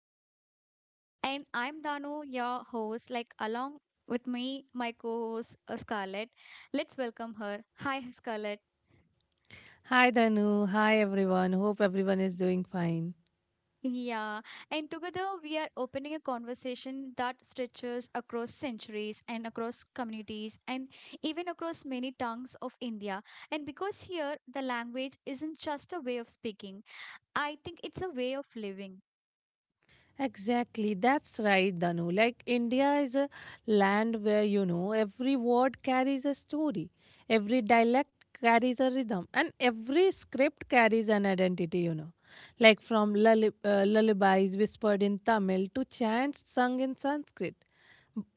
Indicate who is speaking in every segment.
Speaker 1: of India. And I'm Danu, your host. Like along with me, my co-host Scarlett. Let's welcome her. Hi, Scarlett.
Speaker 2: Hi Danu, hi everyone. Hope everyone is doing fine.
Speaker 1: Yeah, and together we are opening a conversation that stretches across centuries and across communities and even across many tongues of India. And because here the language isn't just a way of speaking, I think it's a way of living.
Speaker 2: Exactly, that's right, Danu. Like India is a land where you know every word carries a story, every dialect carries a rhythm, and every script carries an identity, you know. Like from lullabies whispered in Tamil to chants sung in Sanskrit.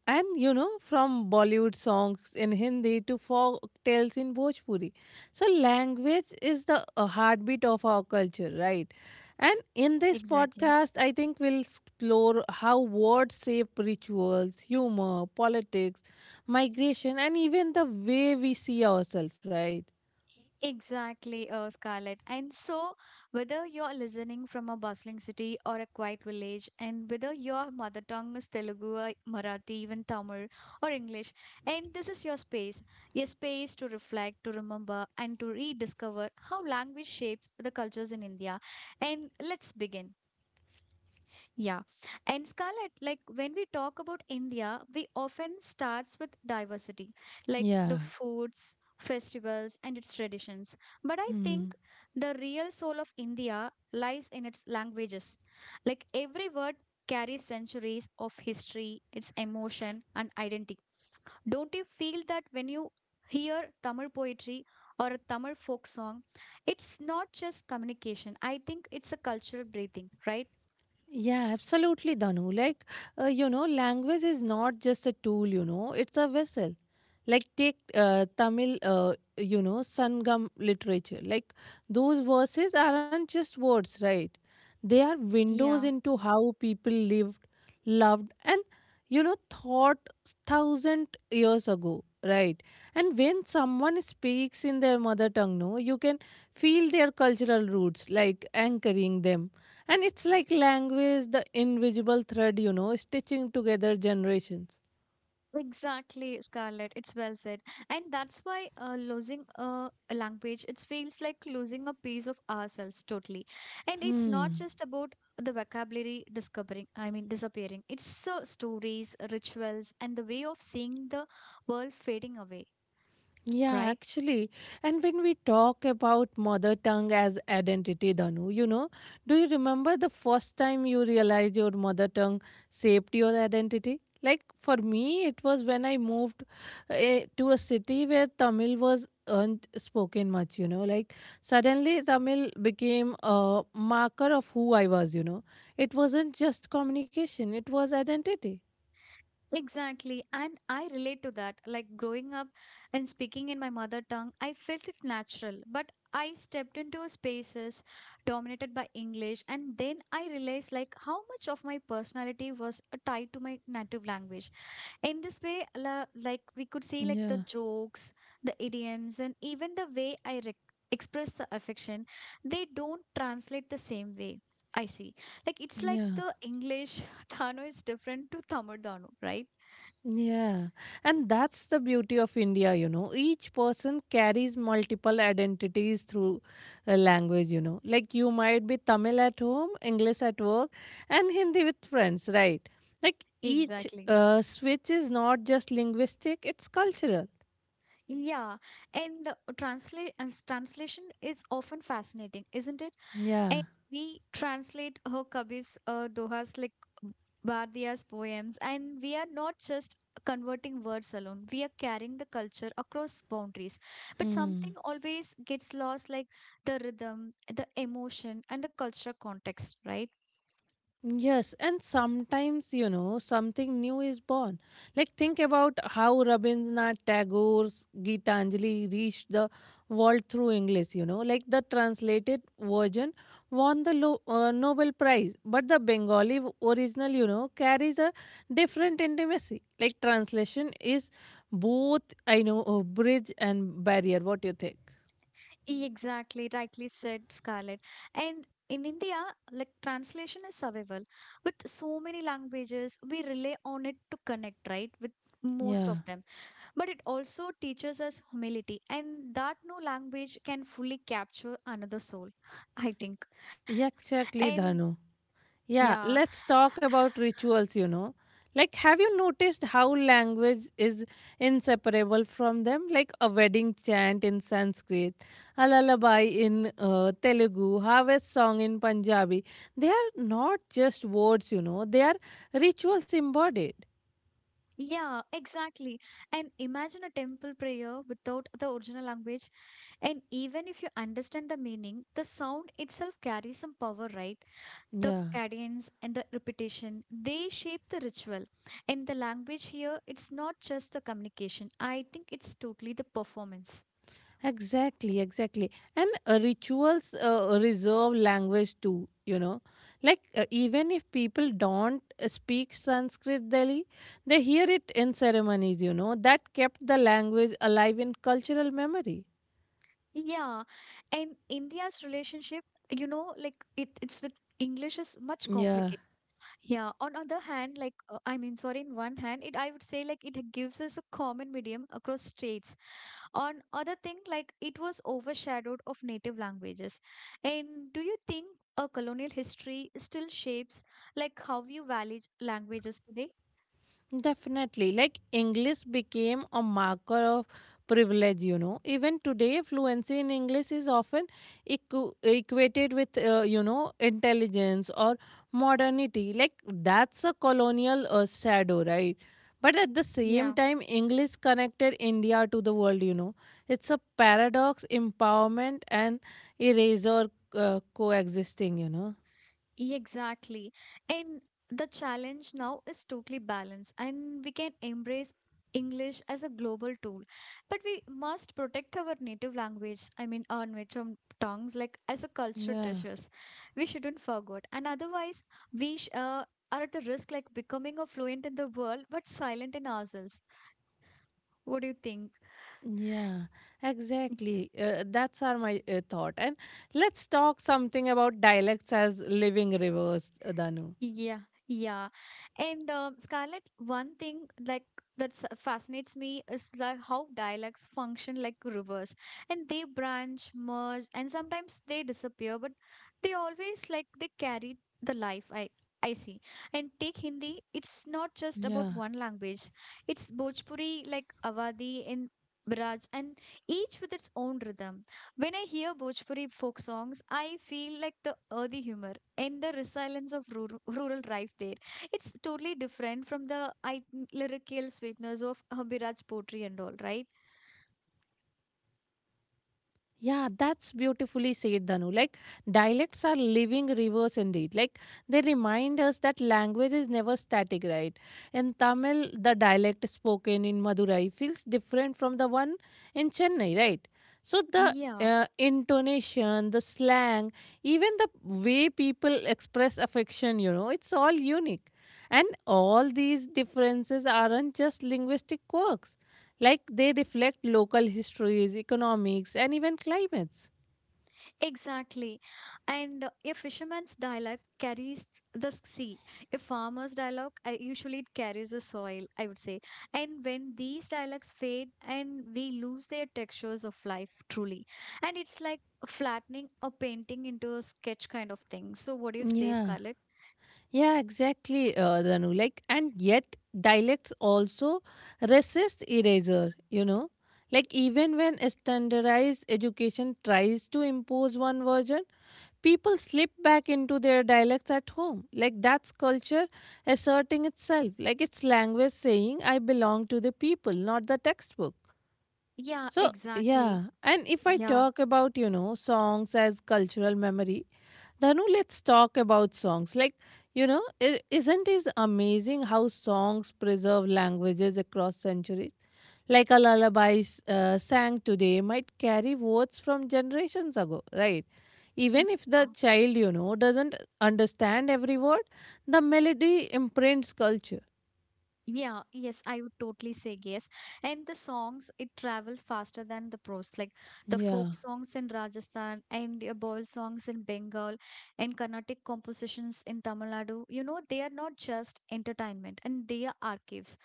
Speaker 2: And you know, from Bollywood songs in Hindi to folk tales in Bhojpuri. So, language is the heartbeat of our culture, right? And in this
Speaker 1: Exactly.
Speaker 2: podcast, I think we'll explore how words shape rituals, humor, politics, migration, and even the way we see ourselves, right?
Speaker 1: Exactly, Scarlett. And so, whether you're listening from a bustling city or a quiet village, and whether your mother tongue is Telugu, or Marathi, even Tamil or English, and this is your space, a space to reflect, to remember, and to rediscover how language shapes the cultures in India. And let's begin. Yeah. And Scarlett, like when we talk about India, we often starts with diversity, like the
Speaker 2: Yeah.
Speaker 1: foods, festivals, and its traditions. But I
Speaker 2: Hmm.
Speaker 1: think the real soul of India lies in its languages. Like every word carries centuries of history, its emotion, and identity. Don't you feel that when you hear Tamil poetry or a Tamil folk song, it's not just communication. I think it's a cultural breathing, right?
Speaker 2: Yeah, absolutely, Danu. You know, language is not just a tool, you know, it's a vessel. Like, take Tamil you know sangam literature, like those verses aren't just words, right? They are windows
Speaker 1: Yeah.
Speaker 2: into how people lived, loved and you know thought thousand years ago, right? And when someone speaks in their mother tongue, no, you can feel their cultural roots like anchoring them. And it's like language, the invisible thread, you know, stitching together generations.
Speaker 1: Exactly, Scarlett. It's well said. And that's why losing a language, it feels like losing a piece of ourselves totally. And it's not
Speaker 2: Hmm.
Speaker 1: just about the vocabulary discovering, I mean, disappearing. It's stories, rituals, and the way of seeing the world fading away,
Speaker 2: Yeah,
Speaker 1: right?
Speaker 2: actually. And when we talk about mother tongue as identity, Danu, you know, do you remember the first time you realized your mother tongue shaped your identity? Like for me, it was when I moved to a city where Tamil was unspoken much, you know. Like suddenly Tamil became a marker of who I was, you know. It wasn't just communication, it was identity.
Speaker 1: Exactly. And I relate to that. Like growing up and speaking in my mother tongue, I felt it natural. But I stepped into spaces dominated by English, and then I realized like how much of my personality was tied to my native language. In this way, like we could see like the
Speaker 2: Yeah,
Speaker 1: jokes, the idioms, and even the way I rec express the affection, they don't translate the same way. I see. Like it's like
Speaker 2: yeah.
Speaker 1: the English Thano is different to Tamil Thano, right?
Speaker 2: Yeah, and that's the beauty of India, you know. Each person carries multiple identities through a language, you know. Like you might be Tamil at home, English at work, and Hindi with friends, right? Like each
Speaker 1: Exactly.
Speaker 2: switch is not just linguistic, it's cultural.
Speaker 1: Yeah, and translate as translation is often fascinating, isn't it? And
Speaker 2: Yeah.
Speaker 1: we translate her Kabi's Doha's like Bardia's poems, and we are not just converting words alone. We are carrying the culture across boundaries. But something
Speaker 2: Hmm.
Speaker 1: always gets lost, like the rhythm, the emotion, and the cultural context, right?
Speaker 2: Yes, and sometimes, you know, something new is born. Like, think about how Rabindranath Tagore's Gitanjali reached the world through English, you know. Like, the translated version won the Nobel Prize, but the original, you know, carries a different intimacy. Like, translation is both, I know, a bridge and barrier. What do you think?
Speaker 1: Exactly, rightly said, Scarlett. And in India, like translation is survival. With so many languages, we rely on it to connect, right? With most of
Speaker 2: Yeah,
Speaker 1: them. But it also teaches us humility, and that no language can fully capture another soul, I think.
Speaker 2: exactly,
Speaker 1: And
Speaker 2: Dhanu. Yeah,
Speaker 1: yeah,
Speaker 2: let's talk about rituals, you know. Like, have you noticed how language is inseparable from them? Like a wedding chant in Sanskrit, a lullaby in Telugu, harvest song in Punjabi. They are not just words, you know, they are rituals embodied.
Speaker 1: yeah, exactly. And imagine a temple prayer without the original language. And even if you understand the meaning, the sound itself carries some power, right? The
Speaker 2: Yeah.
Speaker 1: cadence and the repetition, they shape the ritual, and the language here, it's not just the communication. I think it's totally the performance.
Speaker 2: Exactly, exactly. And rituals reserve language too, you know. Like, even if people don't speak Sanskrit Delhi, they hear it in ceremonies, you know. That kept the language alive in cultural memory.
Speaker 1: Yeah, and India's relationship, you know, like it's with English is much
Speaker 2: Yeah.
Speaker 1: complicated. Yeah, on other hand, like I mean, sorry, in one hand, it I would say like it gives us a common medium across states. On other thing, like it was overshadowed of native languages. And do you think a colonial history still shapes like how you value languages today?
Speaker 2: Definitely. Like English became a marker of privilege, you know. Even today, fluency in English is often equated with, you know, intelligence or modernity. Like that's a colonial shadow, right? But at the
Speaker 1: Yeah.
Speaker 2: same time, English connected India to the world, you know. It's a paradox, empowerment and erasure coexisting, you know.
Speaker 1: Exactly. And the challenge now is totally balanced, and we can embrace English as a global tool. But we must protect our native language, I mean, our native tongues, like as a cultural
Speaker 2: Yeah.
Speaker 1: treasures. We shouldn't forget. And otherwise, we sh- uh, are at the risk like becoming a fluent in the world but silent in ourselves. What do you think?
Speaker 2: Yeah, exactly. That's our my thought. And let's talk something about dialects as living rivers, Danu.
Speaker 1: Yeah, yeah. And Scarlett, one thing like that fascinates me is like how dialects function like rivers, and they branch, merge, and sometimes they disappear, but they always like they carry the life. I see. And take Hindi, it's not just about
Speaker 2: Yeah.
Speaker 1: one language. It's Bhojpuri, like Awadhi and Braj, and each with its own rhythm. When I hear Bhojpuri folk songs, I feel like the earthy humor and the resilience of rural life there. It's totally different from the lyrical sweetness of Habiraj poetry and all, right?
Speaker 2: Yeah, that's beautifully said, Dhanu. Like, dialects are living rivers indeed. Like, they remind us that language is never static, right? In Tamil, the dialect spoken in Madurai feels different from the one in Chennai, right? So, the
Speaker 1: Yeah.
Speaker 2: intonation, the slang, even the way people express affection, you know, it's all unique. And all these differences aren't just linguistic quirks, like they reflect local histories, economics, and even climates.
Speaker 1: Exactly. And a fisherman's dialogue carries the sea. A farmer's dialogue, usually it carries the soil, I would say. And when these dialogues fade and we lose their textures of life, truly. And it's like flattening a painting into a sketch kind of thing. So, what do you say,
Speaker 2: Yeah,
Speaker 1: Scarlett?
Speaker 2: yeah, exactly, Dhanu. Like, and yet dialects also resist erasure, you know. Like, even when a standardized education tries to impose one version, people slip back into their dialects at home. Like, that's culture asserting itself. Like, it's language saying, I belong to the people, not the textbook.
Speaker 1: Yeah,
Speaker 2: So,
Speaker 1: exactly.
Speaker 2: yeah. And if I
Speaker 1: Yeah.
Speaker 2: talk about, you know, songs as cultural memory, Dhanu, let's talk about songs. Like, you know, is isn't it amazing how songs preserve languages across centuries? Like a lullaby sang today might carry words from generations ago, right? Even if the child, you know, doesn't understand every word, the melody imprints culture.
Speaker 1: Yeah, yes, I would totally say yes. And the songs, it travels faster than the prose. Like the folk
Speaker 2: Yeah.
Speaker 1: songs in Rajasthan and ball songs in Bengal and Carnatic compositions in Tamil Nadu, you know, they are not just entertainment and they are archives.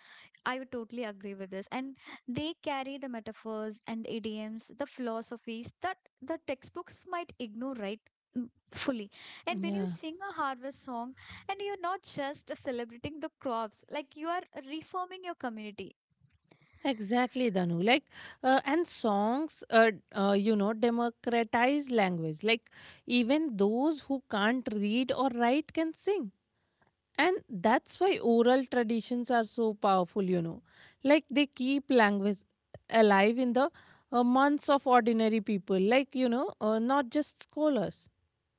Speaker 1: I would totally agree with this. And they carry the metaphors and the idioms, the philosophies that the textbooks might ignore, right? Mm, fully. And when you
Speaker 2: Yeah.
Speaker 1: sing a harvest song, and you're not just celebrating the crops, like you are reforming your community.
Speaker 2: Exactly, Danu. Like, and songs, you know, democratize language. Like, even those who can't read or write can sing. And that's why oral traditions are so powerful, you know. Like, they keep language alive in the months of ordinary people, like, you know, not just scholars.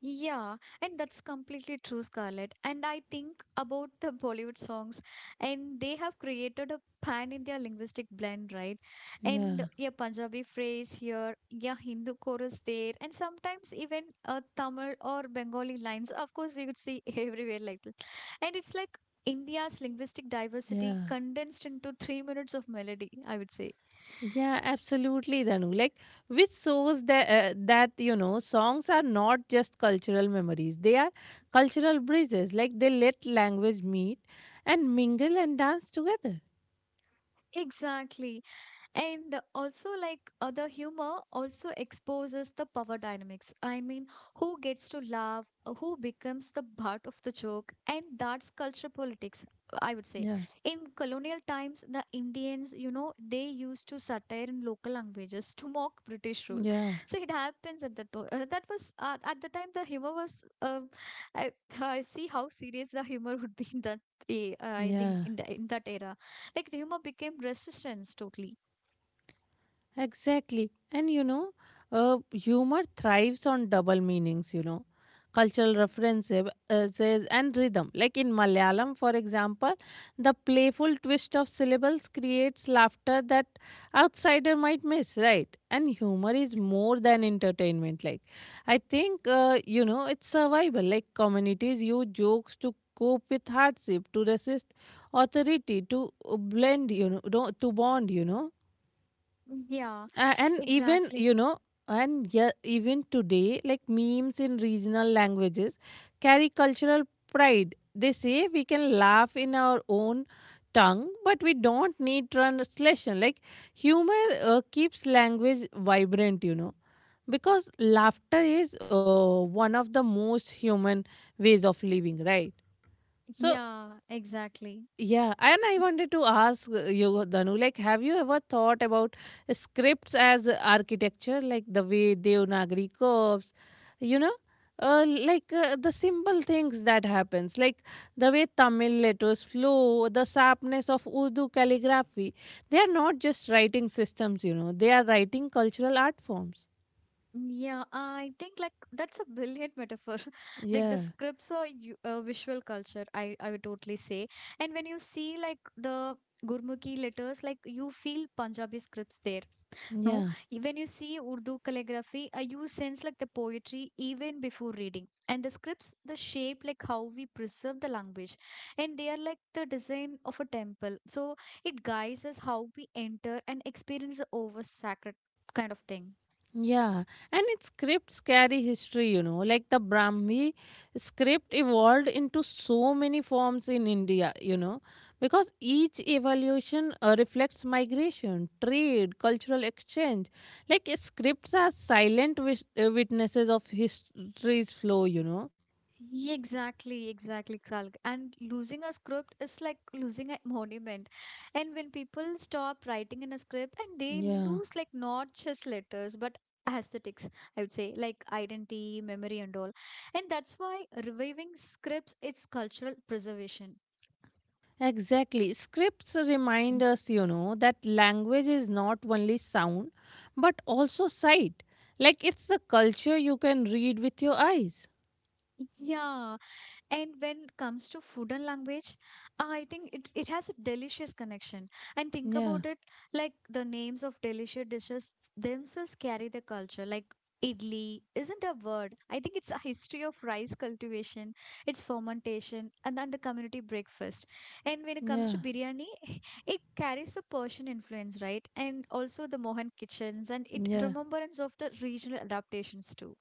Speaker 1: Yeah, and that's completely true, Scarlett. And I think about the Bollywood songs, and they have created a pan-India linguistic blend, right?
Speaker 2: Yeah,
Speaker 1: And a Punjabi phrase here, yeah, Hindu chorus there, and sometimes even Tamil or Bengali lines. Of course, we could see everywhere like that. And it's like India's linguistic diversity
Speaker 2: yeah.
Speaker 1: condensed into 3 minutes of melody, I would say.
Speaker 2: Yeah, absolutely, Danu. Like, which shows that you know songs are not just cultural memories; they are cultural bridges. Like they let language meet and mingle and dance together.
Speaker 1: Exactly. And also like the humor also exposes the power dynamics, I mean, who gets to laugh, who becomes the butt of the joke, and that's culture politics, I would say.
Speaker 2: Yeah,
Speaker 1: In colonial times, the Indians, you know, they used to satire in local languages to mock British rule.
Speaker 2: yeah,
Speaker 1: So it happens at that was at the time the humor was I, I see how serious the humor would be in that eh, in, the-
Speaker 2: yeah.
Speaker 1: in, the, in that era, like the humor became resistance totally.
Speaker 2: Exactly. And you know, humor thrives on double meanings, you know, cultural references and rhythm. Like in Malayalam, for example, the playful twist of syllables creates laughter that outsider might miss, right? And humor is more than entertainment. Like, I think, you know, it's survival. Like, communities use jokes to cope with hardship, to resist authority, to blend, you know, to bond, you know.
Speaker 1: Yeah,
Speaker 2: And even
Speaker 1: exactly.
Speaker 2: you know and yeah, even today like memes in regional languages carry cultural pride, they say we can laugh in our own tongue but we don't need translation. Like humor keeps language vibrant, you know, because laughter is one of the most human ways of living, right? So
Speaker 1: Yeah, exactly.
Speaker 2: yeah, and I wanted to ask you, Dhanu, like, have you ever thought about scripts as architecture, like the way Devanagari curves, you know, the simple things that happens, like the way Tamil letters flow, the sharpness of Urdu calligraphy. They are not just writing systems, you know, they are writing cultural art forms.
Speaker 1: Yeah, I think like that's a brilliant metaphor. Like the
Speaker 2: Yeah,
Speaker 1: scripts are visual culture, I would totally say. And when you see like the Gurmukhi letters, like you feel Punjabi scripts there. No,
Speaker 2: yeah.
Speaker 1: When you see Urdu calligraphy, you sense like the poetry even before reading. And the scripts, the shape, like how we preserve the language, and they are like the design of a temple. So it guides us how we enter and experience the over sacred kind of thing.
Speaker 2: Yeah, and its scripts carry history, you know, like the Brahmi script evolved into so many forms in India, you know, because each evolution reflects migration, trade, cultural exchange. Like scripts are silent witnesses of history's flow, you know.
Speaker 1: Yeah, exactly, exactly, Kalg. And losing a script is like losing a monument. And when people stop writing in a script and they
Speaker 2: Yeah.
Speaker 1: lose like not just letters but aesthetics, I would say, like identity, memory and all. And that's why reviving scripts it's cultural preservation.
Speaker 2: Exactly. Scripts remind
Speaker 1: Mm.
Speaker 2: us, you know, that language is not only sound, but also sight. Like it's the culture you can read with your eyes.
Speaker 1: Yeah, and when it comes to food and language, I think it has a delicious connection. And think
Speaker 2: Yeah,
Speaker 1: about it, like the names of delicious dishes themselves carry the culture. Like idli isn't a word. I think it's a history of rice cultivation, its fermentation, and then the community breakfast. And when it comes
Speaker 2: yeah,
Speaker 1: to biryani, it carries a Persian influence, right? And also the Mohan kitchens and it
Speaker 2: yeah.
Speaker 1: remembrance of the regional adaptations too.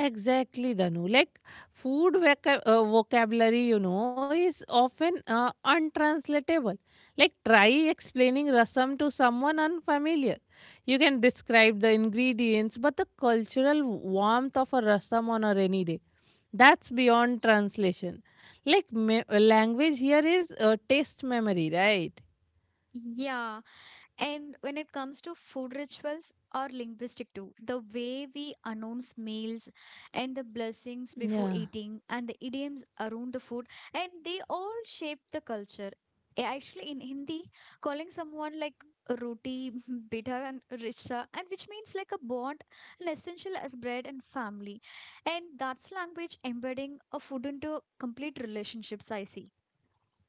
Speaker 2: Exactly, Danu. Like food vocabulary, you know, is often untranslatable. Like try explaining rasam to someone unfamiliar. You can describe the ingredients, but the cultural warmth of a rasam on a rainy day, that's beyond translation. Like language here is taste memory, right?
Speaker 1: Yeah, and when it comes to food, rituals are linguistic too. The way we announce meals and the
Speaker 2: Yeah.
Speaker 1: blessings before eating and the idioms around the food and they all shape the culture. Actually in Hindi, calling someone like roti, bita and richa and which means like a bond and essential as bread and family. And that's language embedding a food into complete relationships, I see.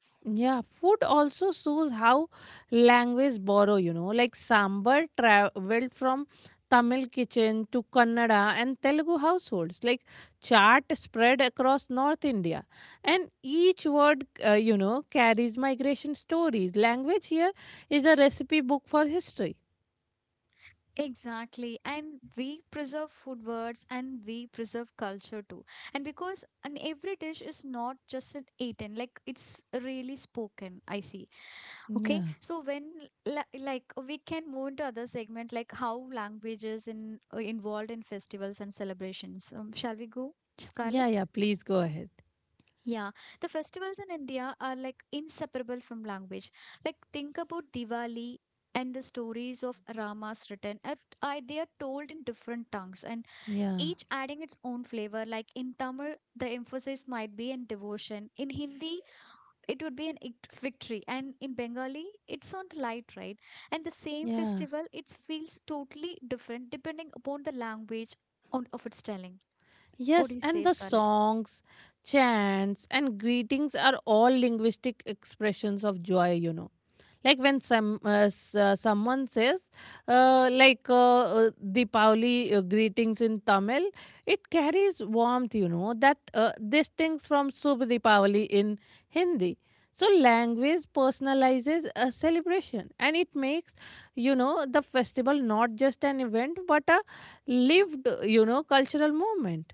Speaker 2: Yeah, food also shows how language borrow, you know, like sambar traveled from Tamil kitchen to Kannada and Telugu households, like chart spread across North India. And each word, you know, carries migration stories. Language here is a recipe book for history.
Speaker 1: Exactly. And we preserve food words and we preserve culture too. And because an every dish is not just an eaten, like it's really spoken, I see. Okay.
Speaker 2: Yeah.
Speaker 1: So like we can move into other segment like how language is involved in festivals and celebrations. Shall we go, Scarlett?
Speaker 2: Yeah, yeah, please go ahead.
Speaker 1: Yeah, the festivals in India are like inseparable from language. Like think about Diwali and the stories of Ramas written. They are told in different tongues and
Speaker 2: Yeah.
Speaker 1: each adding its own flavor. Like in Tamil, the emphasis might be in devotion. In Hindi, it would be an victory, and in Bengali, it's on light, right? And the same
Speaker 2: Yeah.
Speaker 1: festival, it feels totally different depending upon the language on, of its telling. What
Speaker 2: Yes,
Speaker 1: do you
Speaker 2: and
Speaker 1: say,
Speaker 2: the
Speaker 1: Scarlett?
Speaker 2: songs, chants, and greetings are all linguistic expressions of joy, you know. Like when someone says, Deepavali greetings in Tamil, it carries warmth, you know, that distinct from Subh Deepavali in Hindi. So language personalizes a celebration, and it makes, you know, the festival not just an event but a lived, you know, cultural moment.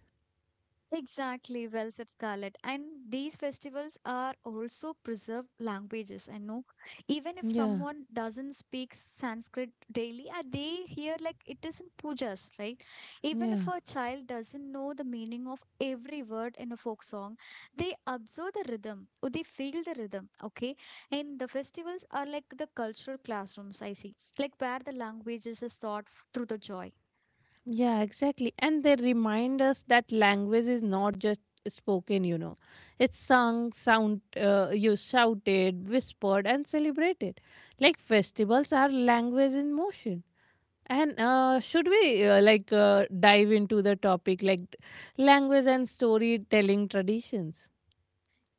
Speaker 1: Exactly, well said, Scarlett. And these festivals are also preserved languages. I know, even if
Speaker 2: Yeah,
Speaker 1: someone doesn't speak Sanskrit daily, they hear like it is in pujas, right? Even if
Speaker 2: yeah,
Speaker 1: a child doesn't know the meaning of every word in a folk song, they observe the rhythm or they feel the rhythm. Okay, and the festivals are like the cultural classrooms. I see, like where the languages is taught through the joy.
Speaker 2: yeah, exactly. And they remind us that language is not just spoken, you know, it's sung, sound, you shouted, whispered, and celebrated. Like festivals are language in motion. And should we dive into the topic like language and storytelling traditions?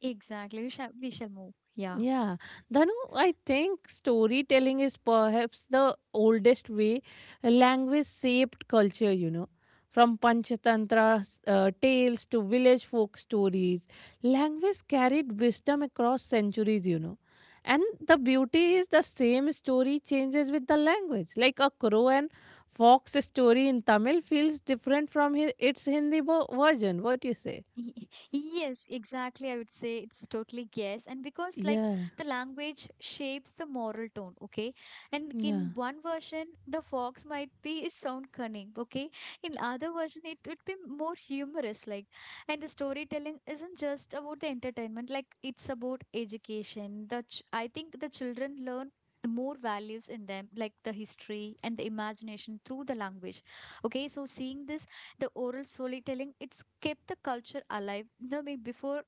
Speaker 1: Exactly, we shall move. Yeah.
Speaker 2: Yeah, Dhanu, I think storytelling is perhaps the oldest way language shaped culture, you know. From Panchatantra tales to village folk stories, language carried wisdom across centuries, you know. And the beauty is the same story changes with the language. Like a crow and fox story in Tamil feels different from its Hindi version. What you say?
Speaker 1: Y- Yes, exactly. I would say it's totally yes. And because, like,
Speaker 2: Yeah,
Speaker 1: the language shapes the moral tone, okay? And
Speaker 2: yeah.
Speaker 1: in one version, the fox might be sound cunning, okay? In other version, it would be more humorous, like. And the storytelling isn't just about the entertainment, like, it's about education. The ch I think the children learn more values in them, like the history and the imagination through the language. Okay, so seeing this, the oral storytelling, it's kept the culture alive, no, way before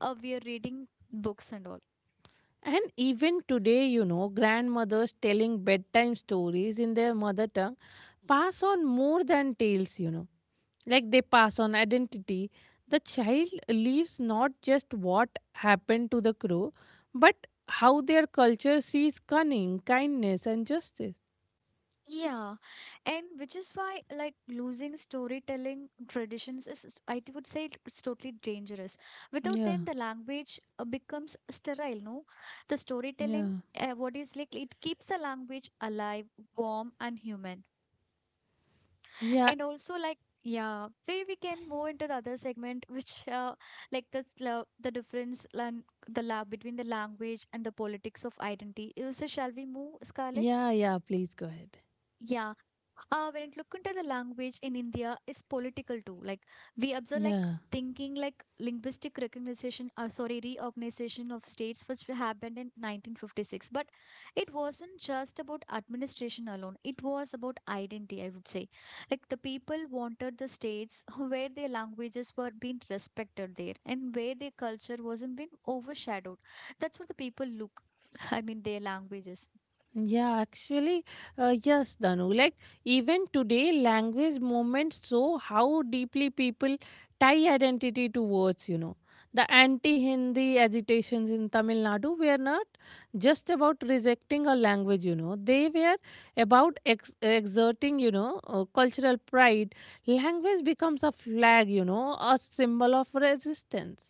Speaker 1: we are reading books and all.
Speaker 2: And even today, you know, grandmothers telling bedtime stories in their mother tongue pass on more than tales, you know. Like they pass on identity. The child leaves not just what happened to the crow, but how their culture sees cunning, kindness, and justice.
Speaker 1: Yeah, and which is why, like, losing storytelling traditions is, I would say it's totally dangerous. Without
Speaker 2: Yeah,
Speaker 1: them, the language becomes sterile, no? The storytelling,
Speaker 2: yeah,
Speaker 1: what is like, it keeps the language alive, warm, and human.
Speaker 2: yeah,
Speaker 1: And also, like, yeah, where we can move into the other segment which, like, the difference the lab between the language and the politics of identity. So shall we move, Scarlett?
Speaker 2: yeah, yeah. Please go ahead.
Speaker 1: Yeah. When it look into the language in India is political too. Like, we observe, like,
Speaker 2: Yeah.
Speaker 1: thinking, like, linguistic recognition, sorry, reorganization of states which happened in 1956. But it wasn't just about administration alone, it was about identity, I would say. Like the people wanted the states where their languages were being respected there and where their culture wasn't being overshadowed. That's what the people look. I mean, their languages.
Speaker 2: Yeah, actually, yes, Danu. Like, even today, language movements show how deeply people tie identity to words, you know. The anti Hindi agitations in Tamil Nadu were not just about rejecting a language, you know. They were about exerting, you know, cultural pride. Language becomes a flag, you know, a symbol of resistance.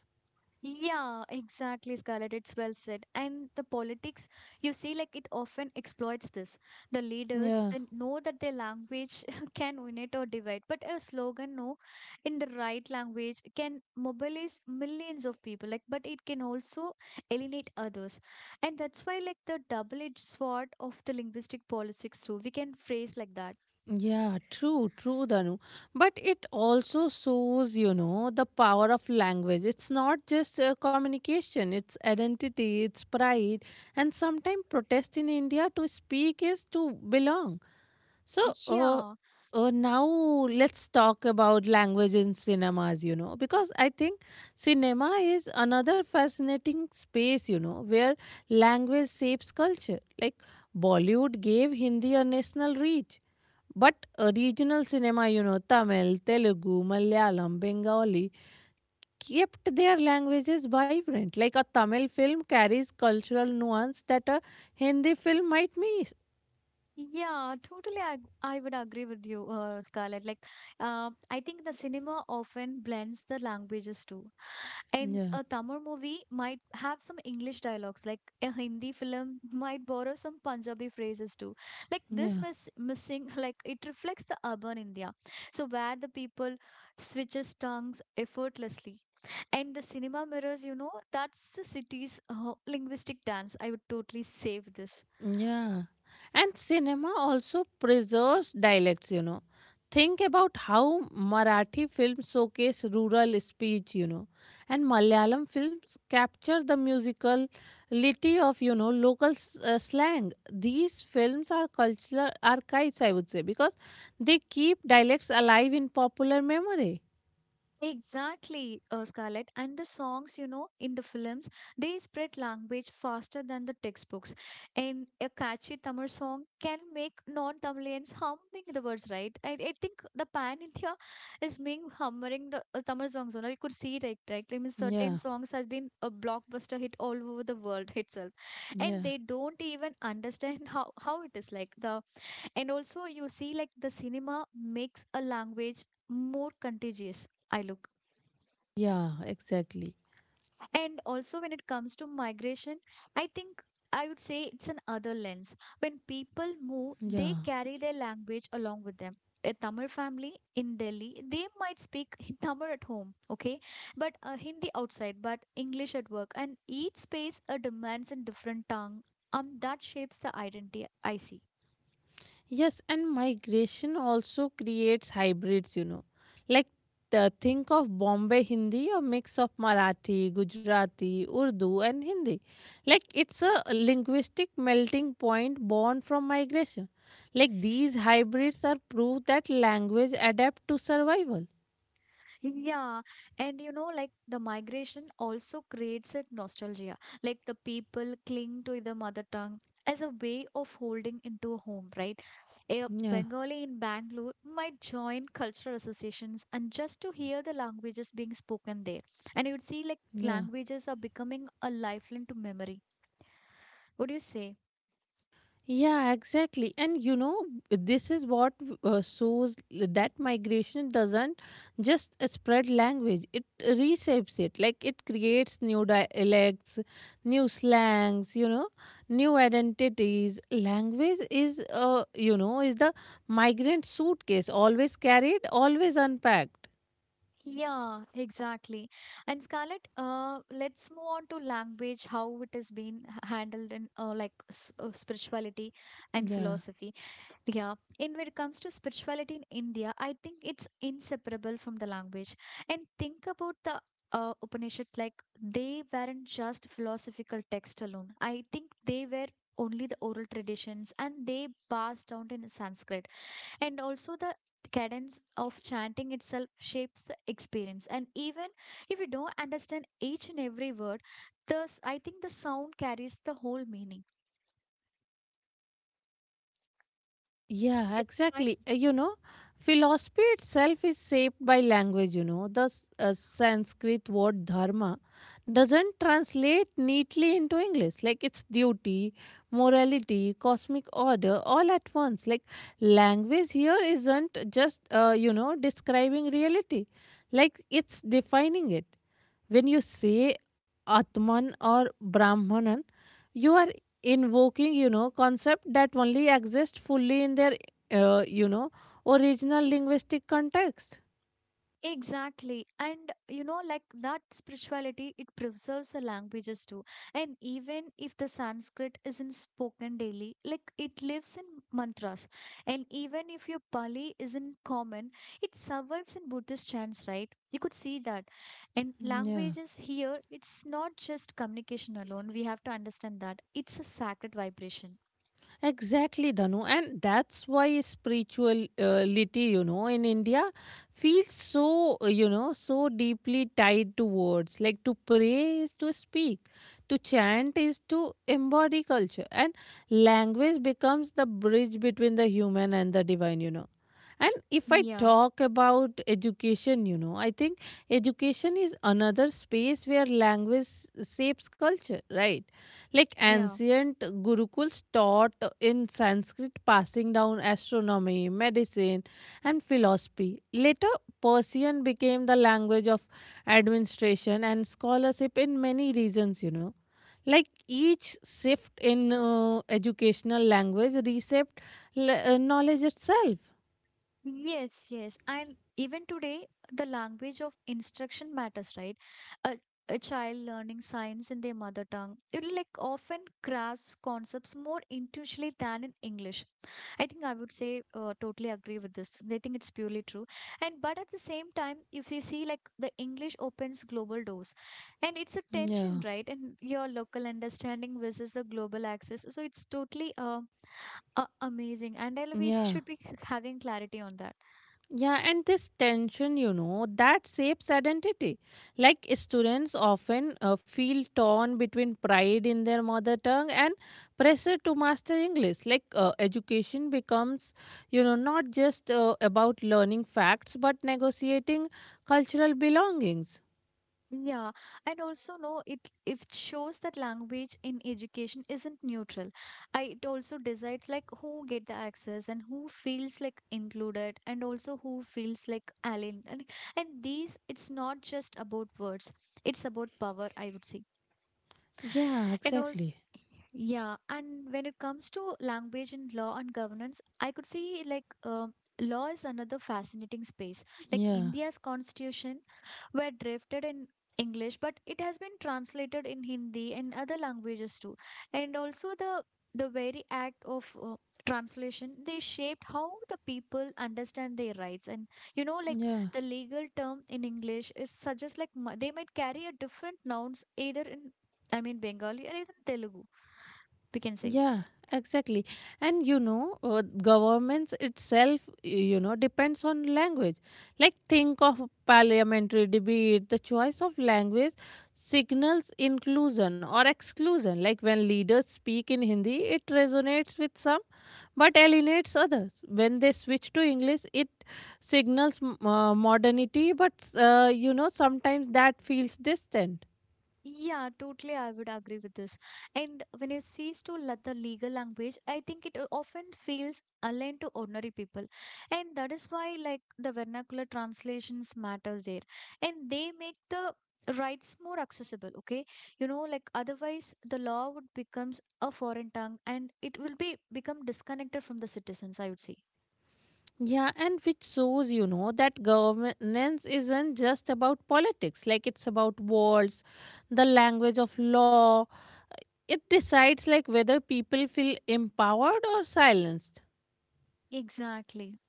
Speaker 1: Yeah, exactly, Scarlett. It's well said. And the politics, you see, like, it often exploits this. The leaders,
Speaker 2: Yeah.
Speaker 1: they know that their language can unite or divide, but a slogan, no, in the right language can mobilize millions of people. Like, but it can also alienate others, and that's why, like, the double-edged sword of the linguistic politics too. We can phrase like that.
Speaker 2: Yeah, true, true, Danu. But it also shows, you know, the power of language. It's not just communication, it's identity, it's pride. And sometimes protest in India to speak is to belong. So, uh,
Speaker 1: Yeah.
Speaker 2: now let's talk about language in cinemas, you know, because I think cinema is another fascinating space, you know, where language shapes culture. Like Bollywood gave Hindi a national reach. But regional cinema, you know, Tamil, Telugu, Malayalam, Bengali, kept their languages vibrant. Like a Tamil film carries cultural nuance that a Hindi film might miss.
Speaker 1: Yeah, totally. I would agree with you, Scarlett. Like, I think the cinema often blends the languages too. And
Speaker 2: Yeah,
Speaker 1: a Tamil movie might have some English dialogues, like a Hindi film might borrow some Punjabi phrases too. Like, this
Speaker 2: yeah.
Speaker 1: missing, like, it reflects the urban India. So, where the people switches tongues effortlessly. And the cinema mirrors, you know, that's the city's linguistic dance. I would totally save this.
Speaker 2: Yeah. And cinema also preserves dialects, you know. Think about how Marathi films showcase rural speech, you know, and Malayalam films capture the musicality of, you know, slang. These films are cultural archives, I would say, because they keep dialects alive in popular memory.
Speaker 1: Exactly, Scarlett. And the songs, you know, in the films, they spread language faster than the textbooks. And a catchy Tamil song can make non-Tamilians humming the words, right? I think the pan India is being humming the Tamil songs. You know, you could see, right, right? Like, I mean, certain
Speaker 2: Yeah,
Speaker 1: songs has been a blockbuster hit all over the world itself, and
Speaker 2: yeah,
Speaker 1: they don't even understand how it is like the. And also, you see, like, the cinema makes a language more contagious. I look.
Speaker 2: yeah, exactly.
Speaker 1: And also, when it comes to migration, I think I would say it's an other lens. When people move,
Speaker 2: Yeah.
Speaker 1: they carry their language along with them. A Tamil family in Delhi, they might speak Tamil at home, okay, but Hindi outside, but English at work. And each space demands a different tongue. That shapes the identity, I see.
Speaker 2: Yes, and migration also creates hybrids, you know. Like, think of Bombay Hindi, a mix of Marathi, Gujarati, Urdu, and Hindi. Like, it's a linguistic melting point born from migration. Like, these hybrids are proof that language adapt to survival.
Speaker 1: Yeah, and you know, like the migration also creates a nostalgia. Like the people cling to the mother tongue as a way of holding into a home, right? A
Speaker 2: Yeah,
Speaker 1: Bengali in Bangalore might join cultural associations and just to hear the languages being spoken there. And you'd see like
Speaker 2: yeah.
Speaker 1: languages are becoming a lifeline to memory. Would you say?
Speaker 2: Yeah, exactly. And you know, this is what shows that migration doesn't just spread language, it reshapes it. Like it creates new dialects, new slangs, you know, new identities. Language is, is the migrant suitcase, always carried, always unpacked.
Speaker 1: Yeah, exactly. And Scarlett, let's move on to language, how it has been handled in, like, spirituality and
Speaker 2: Yeah.
Speaker 1: philosophy. Yeah, in when it comes to spirituality in India, I think it's inseparable from the language. And think about the Upanishad, like they weren't just philosophical text alone. I think they were only the oral traditions and they passed down in Sanskrit, and also the cadence of chanting itself shapes the experience. And even if you don't understand each and every word, thus I think the sound carries the whole meaning.
Speaker 2: Yeah,
Speaker 1: It try.
Speaker 2: exactly. You know, philosophy itself is shaped by language, you know. The Sanskrit word dharma doesn't translate neatly into English. Like it's duty, morality, cosmic order, all at once. Like language here isn't just, describing reality, like it's defining it. When you say Atman or Brahmanan, you are invoking, you know, concept that only exist fully in their, uh, you know, original linguistic context.
Speaker 1: Exactly. And you know, like, that spirituality, it preserves the languages too. And even if the Sanskrit isn't spoken daily, like, it lives in mantras. And even if your Pali isn't common, it survives in Buddhist chants, right? You could see that. And
Speaker 2: Yeah.
Speaker 1: languages here, it's not just communication alone. We have to understand that it's a sacred vibration.
Speaker 2: Exactly, Danu. And that's why spirituality, you know, in India feels so, so deeply tied to words. Like to pray is to speak, to chant is to embody culture. And language becomes the bridge between the human and the divine, you know. And if I
Speaker 1: Yeah.
Speaker 2: talk about education, you know, I think education is another space where language shapes culture, right? Like
Speaker 1: Yeah.
Speaker 2: ancient gurukuls taught in Sanskrit, passing down astronomy, medicine, and philosophy. Later, Persian became the language of administration and scholarship in many regions, you know. Like each shift in educational language reshaped knowledge itself.
Speaker 1: Yes, yes. And even today, the language of instruction matters, right? A, a child learning science in their mother tongue, it like often grasps concepts more intuitively than in English. I think I would say, totally agree with this. I think it's purely true. And but at the same time, if you see, like, the English opens global doors, and it's a tension,
Speaker 2: Yeah,
Speaker 1: right? And your local understanding versus the global access. So it's totally, amazing. And we
Speaker 2: yeah.
Speaker 1: should be having clarity on that.
Speaker 2: Yeah, and this tension, you know, that shapes identity. Like students often feel torn between pride in their mother tongue and pressure to master English. Like education becomes, you know, not just about learning facts but negotiating cultural belongings.
Speaker 1: Yeah, and also no, it shows that language in education isn't neutral. I it also decides like who get the access and who feels like included and also who feels like alien. And these, it's not just about words. It's about power, I would say.
Speaker 2: Yeah,
Speaker 1: And
Speaker 2: exactly.
Speaker 1: also, yeah, and when it comes to language in law and governance, I could see like, law is another fascinating space. Like
Speaker 2: Yeah,
Speaker 1: India's constitution were drafted in English, but it has been translated in Hindi and other languages too. And also the very act of translation, they shaped how the people understand their rights. And you know, like,
Speaker 2: yeah.
Speaker 1: the legal term in English is such as like, they might carry a different nouns either in, I mean, Bengali or even Telugu, we can say.
Speaker 2: Yeah, exactly. And you know, governments itself, you know, depends on language. Like, think of parliamentary debate, the choice of language signals inclusion or exclusion. Like, when leaders speak in Hindi, it resonates with some but alienates others. When they switch to English, it signals modernity, but, you know, sometimes that feels distant.
Speaker 1: Yeah, totally. I would agree with this. And when you cease to let the legal language, I think it often feels alien to ordinary people. And that is why, like, the vernacular translations matters there. And they make the rights more accessible, okay? You know, like, otherwise the law would becomes a foreign tongue and it will be become disconnected from the citizens, I would say.
Speaker 2: Yeah, and which shows, you know, that governance isn't just about politics, like it's about walls, the language of law. It decides like whether people feel empowered or silenced.
Speaker 1: Exactly.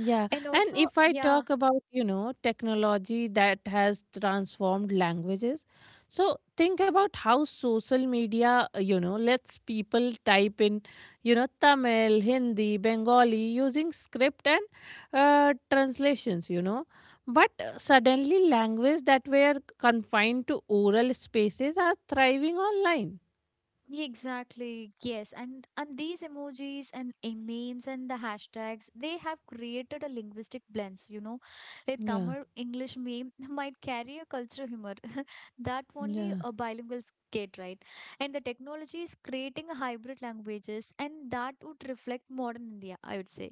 Speaker 2: Yeah,
Speaker 1: And
Speaker 2: and
Speaker 1: also,
Speaker 2: if I
Speaker 1: yeah,
Speaker 2: talk about, you know, technology that has transformed languages, so think about how social media, you know, lets people type in, you know, Tamil, Hindi, Bengali using script and translations, you know. But suddenly, languages that were confined to oral spaces are thriving online.
Speaker 1: yeah, exactly, yes. And these emojis and, memes, and the hashtags, they have created a linguistic blends, you know. A
Speaker 2: Yeah,
Speaker 1: Tamil English meme might carry a cultural humor that only
Speaker 2: yeah.
Speaker 1: a bilingual get, right? And the technology is creating hybrid languages, and that would reflect modern India, I would say.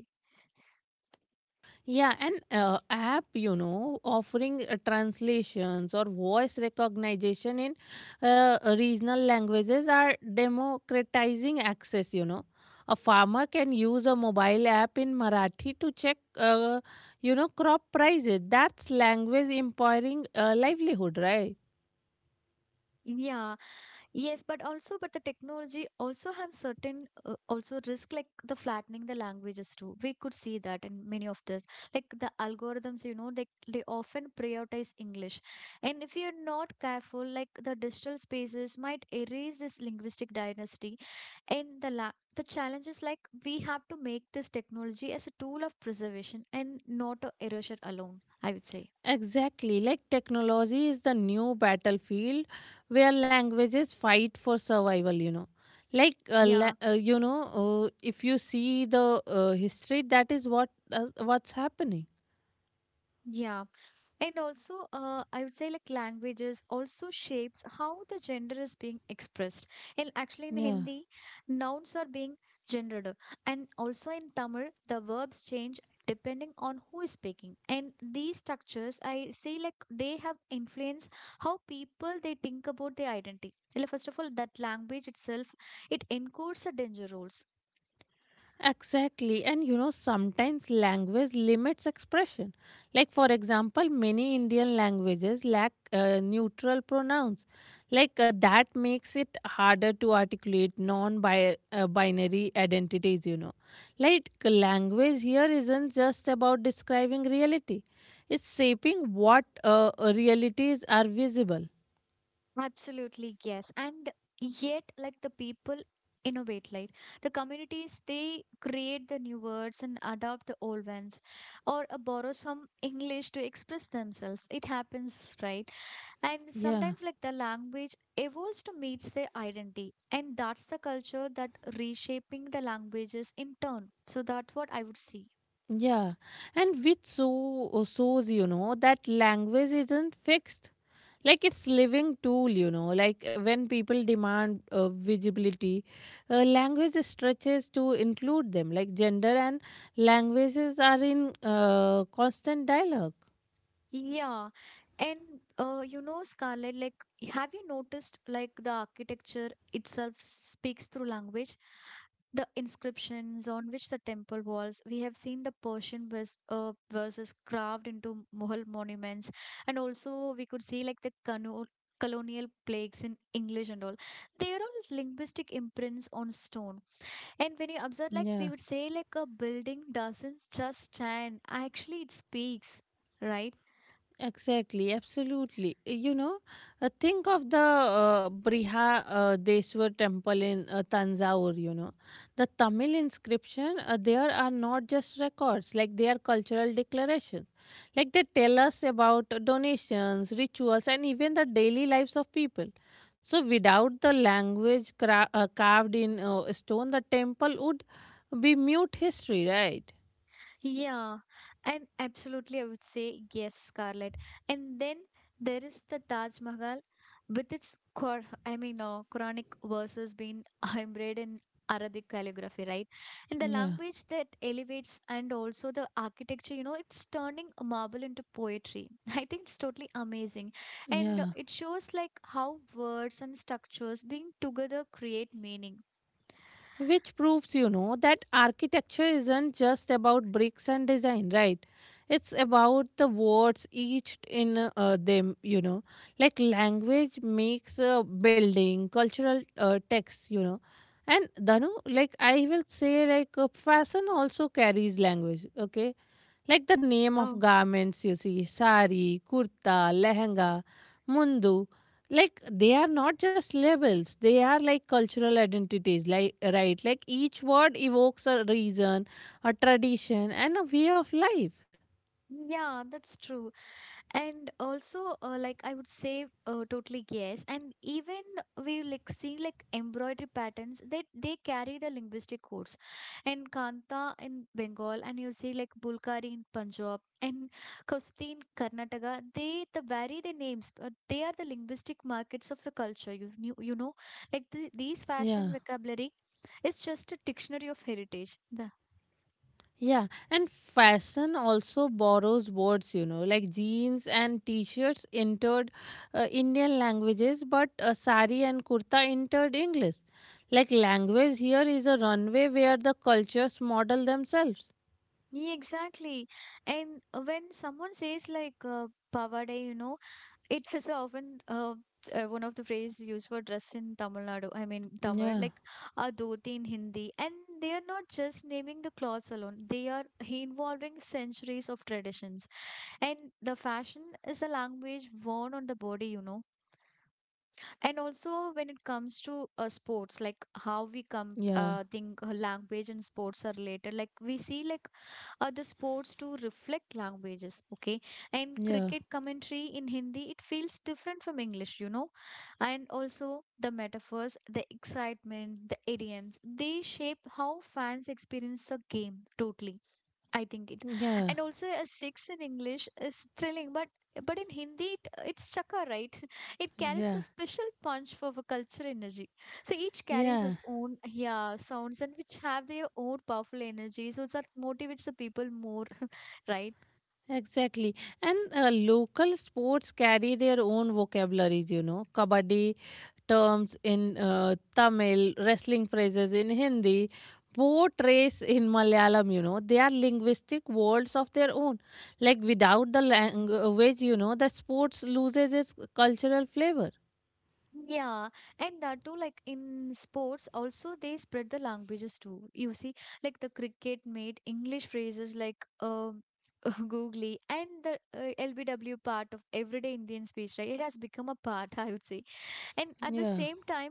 Speaker 2: Yeah, and app, you know, offering translations or voice recognition in regional languages are democratizing access, you know. A farmer can use a mobile app in Marathi to check, crop prices. That's language empowering livelihood, right?
Speaker 1: Yeah. Yes, but also, but the technology also have certain also risk like the flattening the languages too. We could see that in many of the, like, the algorithms, you know, they often prioritize English, and if you're not careful, like, the digital spaces might erase this linguistic dynasty, and the challenge is like, we have to make this technology as a tool of preservation and not a erosion alone, I would say.
Speaker 2: Exactly, like technology is the new battlefield where languages fight for survival, you know. Like,
Speaker 1: Yeah,
Speaker 2: if you see the history, that is what what's happening.
Speaker 1: yeah. And also, I would say, like, languages also shapes how the gender is being expressed. And actually in
Speaker 2: Yeah.
Speaker 1: Hindi, nouns are being gendered, and also in Tamil, the verbs change depending on who is speaking. And these structures, I say, like, they have influenced how people they think about their identity. Like, first of all, that language itself, it encodes the danger roles.
Speaker 2: Exactly. And you know, sometimes language limits expression. Like, for example, many Indian languages lack neutral pronouns. Like, that makes it harder to articulate non binary identities, you know. Like, language here isn't just about describing reality, it's shaping what realities are visible.
Speaker 1: Absolutely, yes. And yet, like, the people innovate, like the communities, they create the new words and adopt the old ones, or borrow some English to express themselves. It happens, right? And
Speaker 2: Yeah.
Speaker 1: sometimes like the language evolves to meets their identity, and that's the culture that reshaping the languages in turn. So that's what I would see.
Speaker 2: Yeah, and which so shows you know that language isn't fixed, like it's living tool. You know, like when people demand visibility, language stretches to include them. Like gender and languages are in constant dialogue.
Speaker 1: Yeah. And you know, Scarlett, like, have you noticed like the architecture itself speaks through language? The inscriptions on which the temple walls, we have seen the Persian verses carved into Mughal monuments, and also we could see like the cano colonial plagues in English and all. They are all linguistic imprints on stone. And when you observe, like,
Speaker 2: Yeah.
Speaker 1: we would say like a building doesn't just stand, actually, it speaks, right?
Speaker 2: Exactly, absolutely. You know, think of the Brihadeswar temple in Tanzaur, you know. The Tamil inscription there are not just records, like they are cultural declarations. Like they tell us about donations, rituals, and even the daily lives of people. So, without the language carved in stone, the temple would be mute history, right?
Speaker 1: Yeah, and absolutely, I would say yes, Scarlett. And then there is the Taj Mahal with its Qur I mean, Quranic verses being embroidered in Arabic calligraphy, right? And the
Speaker 2: Yeah,
Speaker 1: language that elevates and also the architecture, you know, it's turning marble into poetry. I think it's totally amazing. And
Speaker 2: yeah.
Speaker 1: it shows like how words and structures being together create meaning.
Speaker 2: Which proves you know that architecture isn't just about bricks and design, right? It's about the words each in them, you know. Like language makes a building cultural text, you know. And Danu, like I will say like fashion also carries language, okay? Like the name of
Speaker 1: Oh,
Speaker 2: garments you see, sari, kurta, lehenga, mundu, like they are not just labels, they are like cultural identities, like, right? Like each word evokes a reason, a tradition, and a way of life.
Speaker 1: yeah, that's true. And also Like I would say, totally yes. And even we see like embroidery patterns, they carry the linguistic codes in kanta in Bengal, and you see like bulkari in Punjab and kusti in Karnataka. They the vary the names, but they are the linguistic markets of the culture, you know. These
Speaker 2: Yeah.
Speaker 1: fashion vocabulary is just a dictionary of heritage.
Speaker 2: Yeah, and fashion also borrows words, you know, like jeans and t-shirts entered Indian languages, but sari and kurta entered English. Like language here is a runway where the cultures model themselves.
Speaker 1: Yeah, exactly. And when someone says like pavade, you know, it is often one of the phrase used for dress in Tamil Nadu. I mean Tamil,
Speaker 2: Yeah,
Speaker 1: like a dhoti in Hindi, and they are not just naming the clothes alone. They are involving centuries of traditions, and the fashion is a language worn on the body. You know, and also when it comes to sports, like how we come
Speaker 2: yeah,
Speaker 1: think language and sports are related. Like we see like the sports to reflect languages, okay, and
Speaker 2: yeah,
Speaker 1: cricket commentary in Hindi, it feels different from English, you know, and also the metaphors, the excitement, the idioms, they shape how fans experience the game totally, I think it.
Speaker 2: yeah,
Speaker 1: And also a six in English is thrilling, but in Hindi it's chaka, right? It carries a
Speaker 2: yeah,
Speaker 1: special punch for the culture energy. So each carries
Speaker 2: yeah.
Speaker 1: its own, yeah, sounds, and which have their own powerful energy. So that motivates the people more, right?
Speaker 2: Exactly. And local sports carry their own vocabularies, you know. Kabaddi terms in Tamil, wrestling phrases in Hindi, boat race in Malayalam, you know, they are linguistic worlds of their own. Like without the language, you know, the sports loses its cultural flavor.
Speaker 1: Yeah, and that too, like in sports, also they spread the languages too. You see, like the cricket made English phrases like googly and the LBW part of everyday Indian speech, right? It has become a part, I would say. And at the
Speaker 2: Yeah.
Speaker 1: same time,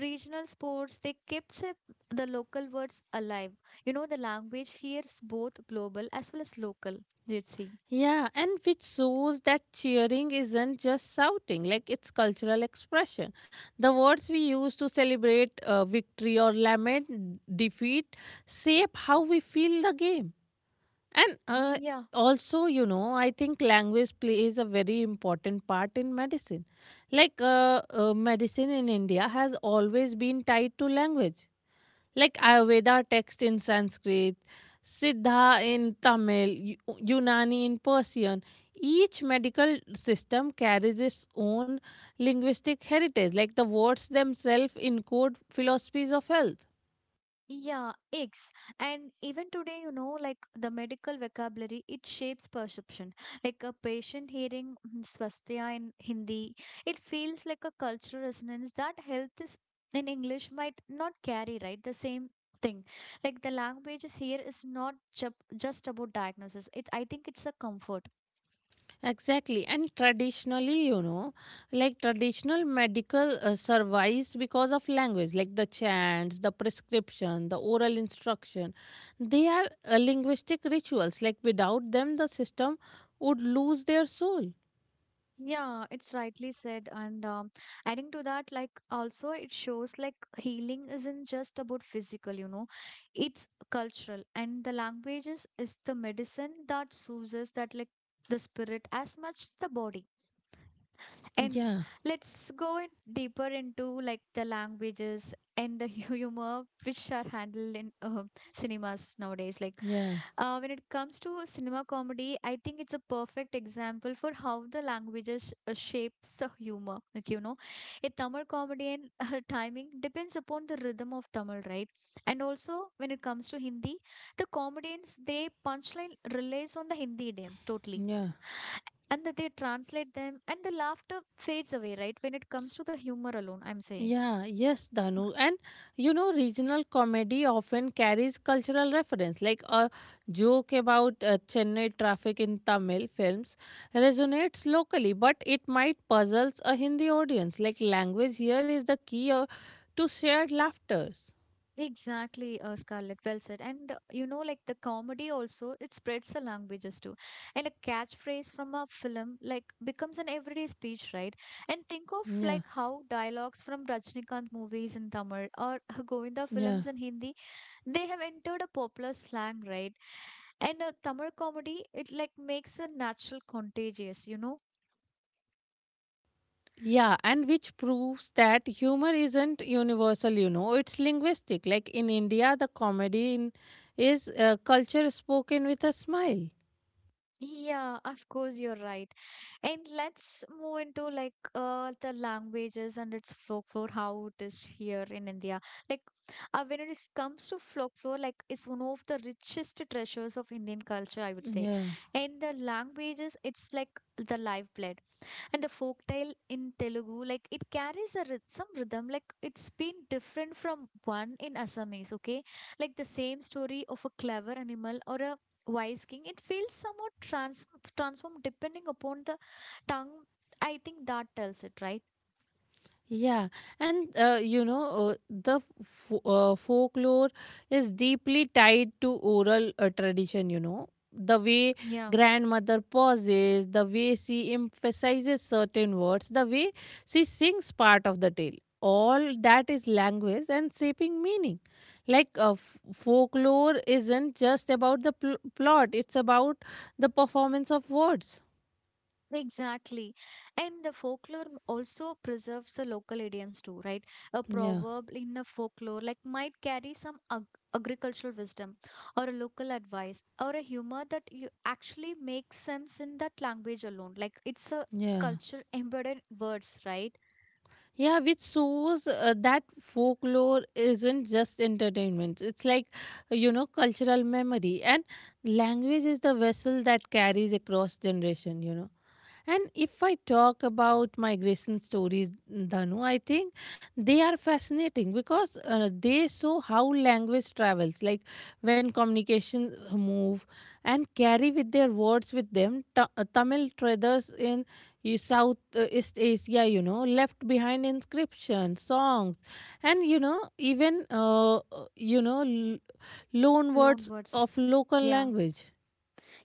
Speaker 1: regional sports, they the local words alive. You know, the language here is both global as well as local, you'd see.
Speaker 2: Yeah, and which shows that cheering isn't just shouting, like it's cultural expression. The words we use to celebrate victory or lament defeat shape how we feel the game. And
Speaker 1: Yeah.
Speaker 2: also, you know, I think language plays a very important part in medicine. Like, medicine in India has always been tied to language. Like Ayurveda text in Sanskrit, Siddha in Tamil, Unani in Persian. Each medical system carries its own linguistic heritage. Like the words themselves encode philosophies of health.
Speaker 1: Yeah, eggs. And even today, you know, like the medical vocabulary, it shapes perception. Like a patient hearing swastika in Hindi, it feels like a cultural resonance that health is in English might not carry, right? The same thing. Like the language is here is not ju just about diagnosis. It, I think it's a comfort.
Speaker 2: Exactly, and traditionally, you know, like traditional medical survives because of language, like the chants, the prescription, the oral instruction. They are linguistic rituals, like without them, the system would lose their soul.
Speaker 1: Yeah, it's rightly said. And adding to that, like also it shows like healing isn't just about physical, you know, it's cultural. And the languages is the medicine that soothes that like the spirit as much the body. And
Speaker 2: Yeah,
Speaker 1: let's go in deeper into like the languages and the humor which are handled in cinemas nowadays. Like
Speaker 2: yeah,
Speaker 1: when it comes to cinema comedy, I think it's a perfect example for how the languages shapes the humor. Like you know, a Tamil comedy and timing depends upon the rhythm of Tamil, right? And also when it comes to Hindi, the comedians they punchline relies on the Hindi idioms totally,
Speaker 2: yeah.
Speaker 1: and that they translate them and the laughter fades away, right, when it comes to the humor alone, I'm saying.
Speaker 2: Yeah, yes, Danu. And you know, regional comedy often carries cultural reference, like a joke about Chennai traffic in Tamil films resonates locally, but it might puzzles a Hindi audience. Like language here is the key to shared laughters.
Speaker 1: Exactly, Scarlett, well said. And you know, like the comedy also it spreads the languages too, and a catchphrase from a film like becomes an everyday speech, right? And think of
Speaker 2: Yeah,
Speaker 1: like how dialogues from Rajnikant movies in Tamil or Govinda
Speaker 2: yeah.
Speaker 1: films in Hindi, they have entered a popular slang, right? And Tamil comedy, it like makes a natural contagious, you know.
Speaker 2: Yeah, and which proves that humor isn't universal, you know, it's linguistic. Like in India, the comedy in, is culture spoken with a smile.
Speaker 1: Yeah, of course, you're right. And let's move into like the languages and its folklore, how it is here in India. Like, when comes to folklore, like, it's one of the richest treasures of Indian culture, I would say.
Speaker 2: Yeah.
Speaker 1: And the languages, it's like the lifeblood. And the folktale in Telugu, like it carries a some rhythm, like it's been different from one in Assamese, okay? Like the same story of a clever animal or a wise king, it feels somewhat transformed depending upon the tongue. I think that tells it, right?
Speaker 2: Yeah, and you know, the folklore is deeply tied to oral tradition, you know. The way
Speaker 1: Yeah.
Speaker 2: grandmother pauses, the way she emphasizes certain words, the way she sings part of the tale. All that is language and shaping meaning. Like folklore isn't just about the plot, it's about the performance of words.
Speaker 1: Exactly. And the folklore also preserves the local idioms too, right? A
Speaker 2: Yeah,
Speaker 1: proverb in a folklore like might carry some agricultural wisdom or a local advice or a humor that you actually makes sense in that language alone. Like it's a
Speaker 2: yeah.
Speaker 1: culture embedded words, right?
Speaker 2: Yeah, which shows that folklore isn't just entertainment. It's like, cultural memory. And language is the vessel that carries across generation, you know. And if I talk about migration stories, Dhanu, I think they are fascinating because they show how language travels, like when communications move and carry with their words with them. Tamil traders in South East Asia, you know, left behind inscriptions, songs, and you know, even you know, l- loan
Speaker 1: Loan
Speaker 2: words of
Speaker 1: words.
Speaker 2: local
Speaker 1: Yeah.
Speaker 2: language.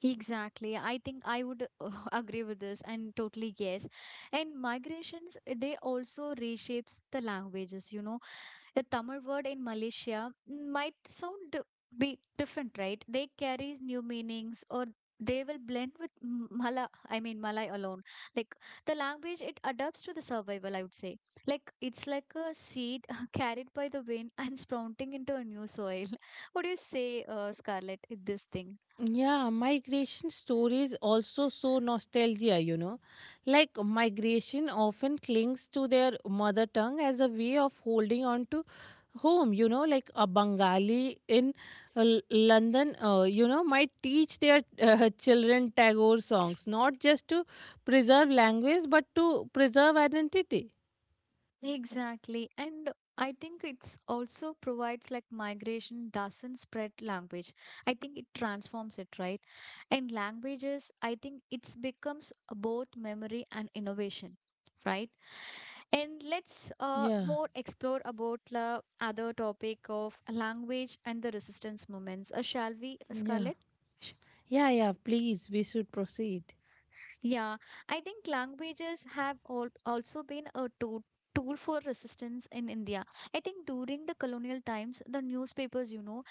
Speaker 1: Exactly. I think I would agree with this, and totally yes. And migrations, they also reshapes the languages, you know. The Tamil word in Malaysia might sound be different, right? They carry new meanings or they will blend with Mala, I mean Malay alone. Like the language, it adapts to the survival, I would say. Like it's like a seed carried by the wind and sprouting into a new soil. What do you say, Scarlett, in this thing?
Speaker 2: Yeah, migration stories also show nostalgia, you know. Like migration often clings to their mother tongue as a way of holding on to home, you know, like a Bengali in London, might teach their children Tagore songs, not just to preserve language, but to preserve identity.
Speaker 1: Exactly. And I think it's also provides like migration doesn't spread language. I think it transforms it, right? And languages, I think it's becomes both memory and innovation, right? And let's
Speaker 2: Yeah,
Speaker 1: more explore about the other topic of language and the resistance movements. Shall we,
Speaker 2: yeah.
Speaker 1: Scarlett?
Speaker 2: Yeah, yeah, please, we should proceed.
Speaker 1: Yeah, I think languages have al also been a tool for resistance in India. I think during the colonial times, the newspapers, you know,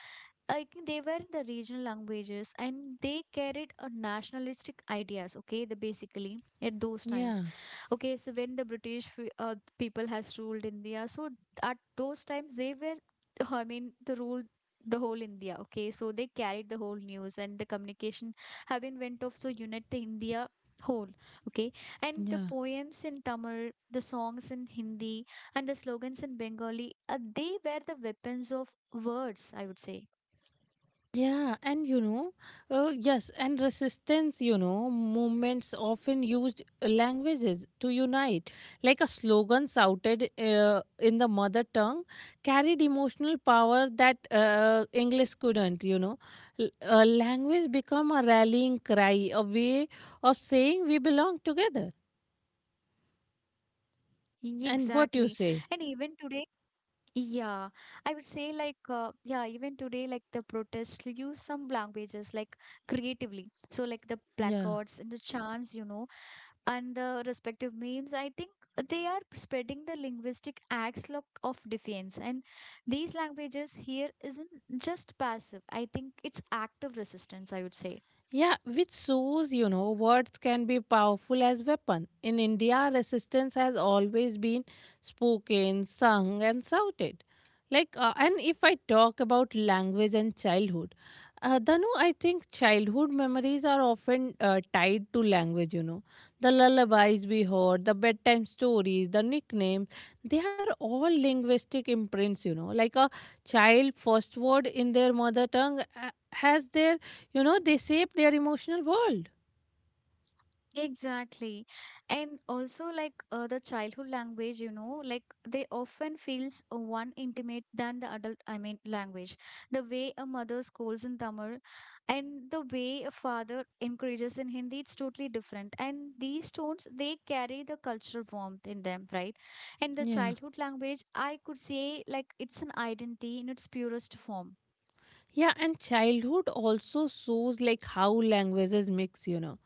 Speaker 1: I think they were the regional languages and they carried a nationalistic ideas, okay, the basically at those times.
Speaker 2: Yeah,
Speaker 1: Okay, so when the people has ruled India, so at those times they were, I mean, the rule the whole India, okay, so they carried the whole news and the communication have been went off, so unite the India whole, okay. And the
Speaker 2: yeah.
Speaker 1: poems in Tamil, the songs in Hindi, and the slogans in Bengali, they were the weapons of words, I would say.
Speaker 2: Yeah, and you know, yes, and resistance, you know, movements often used languages to unite. Like a slogan shouted in the mother tongue carried emotional power that English couldn't, you know. Language become a rallying cry, a way of saying we belong together.
Speaker 1: Exactly.
Speaker 2: And
Speaker 1: And
Speaker 2: what you
Speaker 1: even today,
Speaker 2: say?
Speaker 1: yeah, I would say like even today like the protests use some languages like creatively. So like the placards
Speaker 2: Yeah.
Speaker 1: and the chants, you know, and the respective memes. I think they are spreading the linguistic acts of defiance. And these languages here isn't just passive. I think it's active resistance. I would say.
Speaker 2: Yeah, which shows, you know, words can be powerful as weapon. In India, resistance has always been spoken, sung, and shouted. Like, and if I talk about language and childhood, Danu, I think childhood memories are often tied to language, you know. The lullabies we heard, the bedtime stories, the nicknames, they are all linguistic imprints, you know. Like a child first word in their mother tongue has their you know, they shape their emotional world.
Speaker 1: Exactly. And also like the childhood language, you know, like they often feels one intimate than the adult, I mean, language. The way a mother scolds in Tamil and the way a father encourages in Hindi, it's totally different. And these tones, they carry the cultural warmth in them, right? And the
Speaker 2: Yeah.
Speaker 1: childhood language, I could say like it's an identity in its purest form.
Speaker 2: Yeah, and childhood also shows like how languages mix, you know.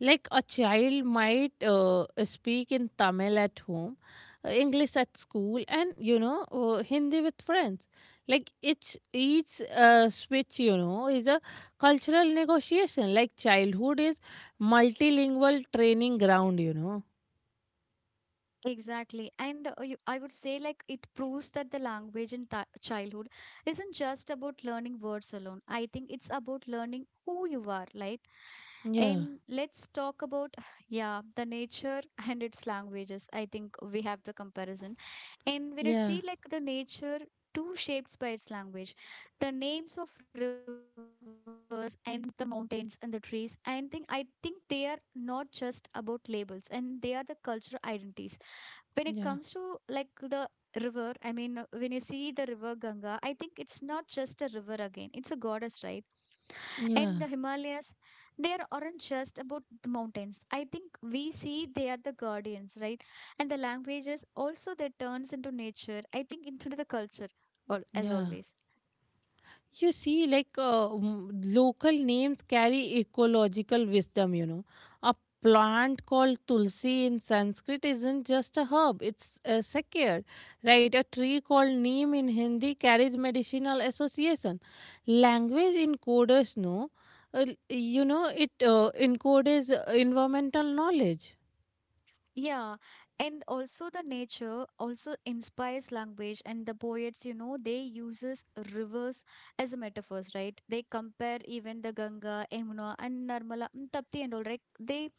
Speaker 2: Like a child might speak in Tamil at home, English at school, and you know Hindi with friends. Like each switch, you know, is a cultural negotiation. Like childhood is multilingual training ground,
Speaker 1: Exactly. And you, I would say, like, it proves that the language in th childhood isn't just about learning words alone. I think it's about learning who you are, right?
Speaker 2: Yeah.
Speaker 1: And let's talk about, yeah, the nature and its languages. I think we have the comparison. And when it
Speaker 2: Yeah.
Speaker 1: see, like, the nature too shapes by its language, the names of rivers and the mountains and the trees, and think I think they are not just about labels, and they are the cultural identities when it comes
Speaker 2: Yeah.
Speaker 1: to like the river, I mean, when you see the river Ganga, I think it's not just a river again, it's a goddess, right? And
Speaker 2: Yeah.
Speaker 1: the Himalayas, aren't just about the mountains, I think we see they are the guardians, right? And the languages also, they turns into nature, I think, into the culture, as
Speaker 2: Yeah.
Speaker 1: always.
Speaker 2: You see, like local names carry ecological wisdom, A plant called tulsi in Sanskrit isn't just a herb, it's a secular, right? A tree called neem in Hindi carries medicinal association. Language encoders no, it encodes environmental knowledge.
Speaker 1: Yeah, and also the nature also inspires language, and the poets, you know, they uses rivers as a metaphors, right? They compare even the Ganga, Yamuna and Narmala and Tapti and all, right?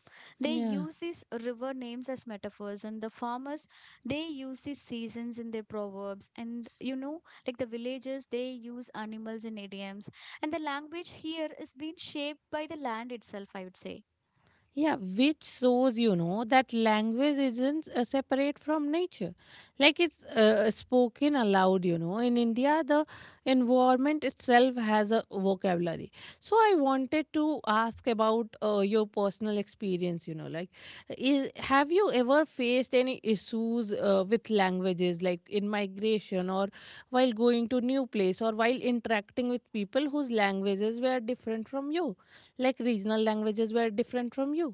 Speaker 1: They
Speaker 2: Yeah.
Speaker 1: use these river names as metaphors, and the farmers they use these seasons in their proverbs, and you know, like the villagers they use animals in idioms, and the language here is being shaped by the land itself, I would say.
Speaker 2: Yeah, which shows you know that language isn't separate from nature, like it's spoken aloud. You know, in India, the environment itself has a vocabulary. So I wanted to ask about your personal experience. You know, like, have you ever faced any issues with languages, like in migration or while going to new place or while interacting with people whose languages were different from you, like regional languages were different from you?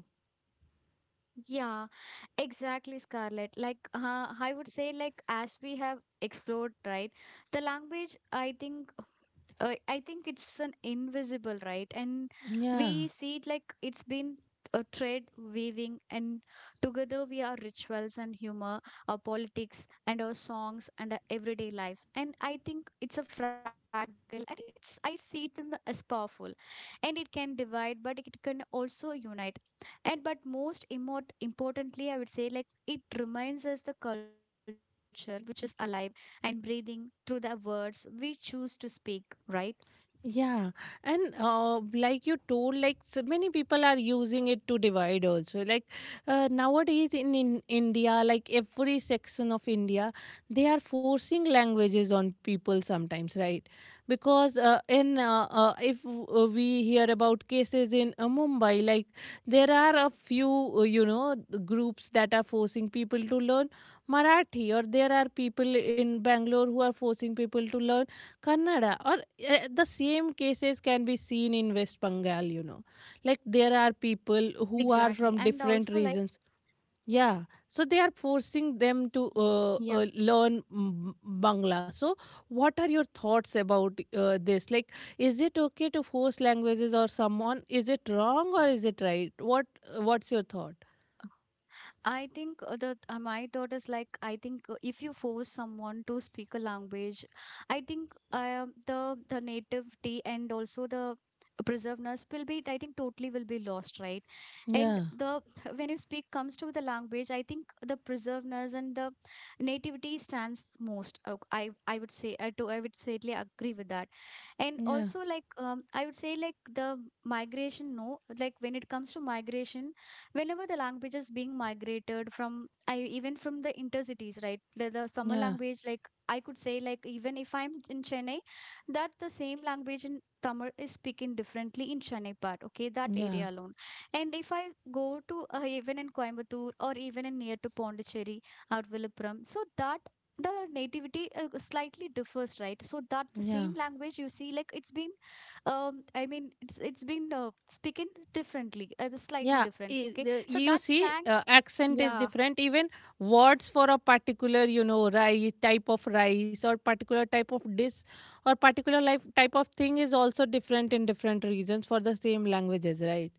Speaker 1: Yeah, exactly, Scarlett. Like, I would say, like, as we have explored, right, the language, I think it's an invisible, right? And we
Speaker 2: Yeah,
Speaker 1: see it like it's been a thread weaving, and together we are rituals and humor, our politics and our songs and our everyday lives. And I think it's a fragile, and it's I see it in the, as powerful, and it can divide, but it can also unite. And but most importantly, I would say like it reminds us the culture which is alive and breathing through the words we choose to speak, right?
Speaker 2: yeah, and like you told, like so many people are using it to divide also. Like nowadays in India, like every section of India, they are forcing languages on people sometimes, right? Because in if we hear about cases in Mumbai, like there are a few uh, you know groups that are forcing people to learn Marathi, or there are people in Bangalore who are forcing people to learn Kannada or the same cases can be seen in West Bengal, Like there are people
Speaker 1: Exactly.
Speaker 2: who are
Speaker 1: And
Speaker 2: from
Speaker 1: also like
Speaker 2: different regions. Yeah, so they are forcing them to
Speaker 1: yeah.
Speaker 2: learn Bangla. So, what are your thoughts about this? Like, is it okay to force languages or someone? Is it wrong or is it right? What what's your thought?
Speaker 1: I think that my thought is like I think if you force someone to speak a language, I think the nativity and also the preservedness will be, I think, totally will be lost, right? And
Speaker 2: Yeah,
Speaker 1: the when you speak comes to the language, I think the preservedness and the nativity stands most. I would say I do I would certainly agree with that. And
Speaker 2: yeah,
Speaker 1: also like I would say like the migration no, like when it comes to migration, whenever the language is being migrated from, I even from the intercities, right? The Tamil
Speaker 2: yeah,
Speaker 1: language, like I could say, like even if I'm in Chennai, that the same language in Tamil is speaking differently in Chennai part, okay, that
Speaker 2: yeah,
Speaker 1: area alone. And if I go to even in Coimbatore or even in near to Pondicherry or Vilupuram, so that the nativity slightly differs, right? So that the
Speaker 2: yeah.
Speaker 1: same language you see like it's being it's been speaking differently, slightly
Speaker 2: Yeah,
Speaker 1: different, okay, so
Speaker 2: you
Speaker 1: that
Speaker 2: see,
Speaker 1: slang,
Speaker 2: accent is
Speaker 1: yeah.
Speaker 2: different. Even words for a particular, rice type of rice or particular type of dish or particular life type of thing is also different in different regions for the same languages, right?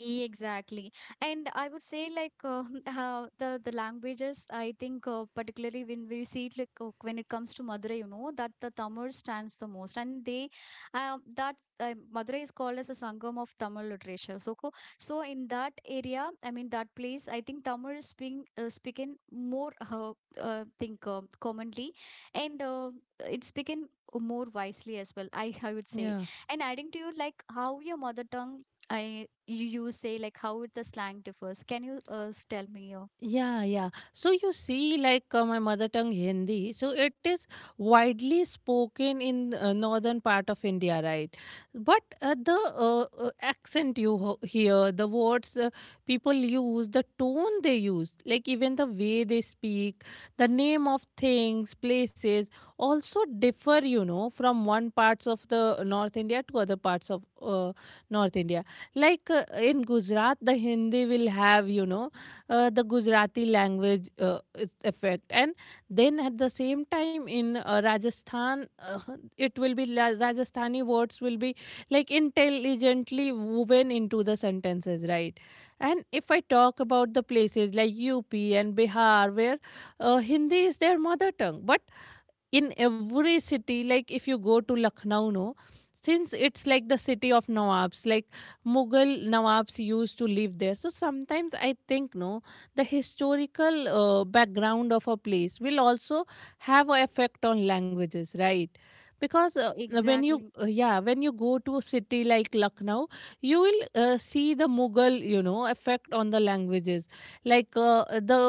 Speaker 1: Exactly. And I would say like the languages, I think, particularly when we see it, like when it comes to Madurai, you know that the Tamil stands the most. And they, that Madurai is called as a Sangam of Tamil literature, so in that area, I mean that place, I think Tamil is being speaking more, think commonly, and it's spoken more wisely as well, I would say.
Speaker 2: Yeah.
Speaker 1: And adding to you, like how your mother tongue, I you you say like how the slang differs. Can you tell me your
Speaker 2: Yeah, yeah. So you see, like my mother tongue Hindi, so it is widely spoken in northern part of India, right? But the accent you hear, the words people use, the tone they use, like even the way they speak, the name of things, places, also differ, from one parts of the North India to other parts of North India. Like in Gujarat, the Hindi will have, the Gujarati language effect. And then at the same time in Rajasthan, it will be la- Rajasthani words will be like intelligently woven into the sentences, right? And if I talk about the places like UP and Bihar, where Hindi is their mother tongue, but in every city, like if you go to Lucknow no, since it's like the city of nawabs, like Mughal nawabs used to live there. So sometimes I think no, the historical background of a place will also have an effect on languages, right? Because when you
Speaker 1: exactly?
Speaker 2: yeah, when you go to a city like Lucknow, you will see the Mughal, you know, effect on the languages. Like the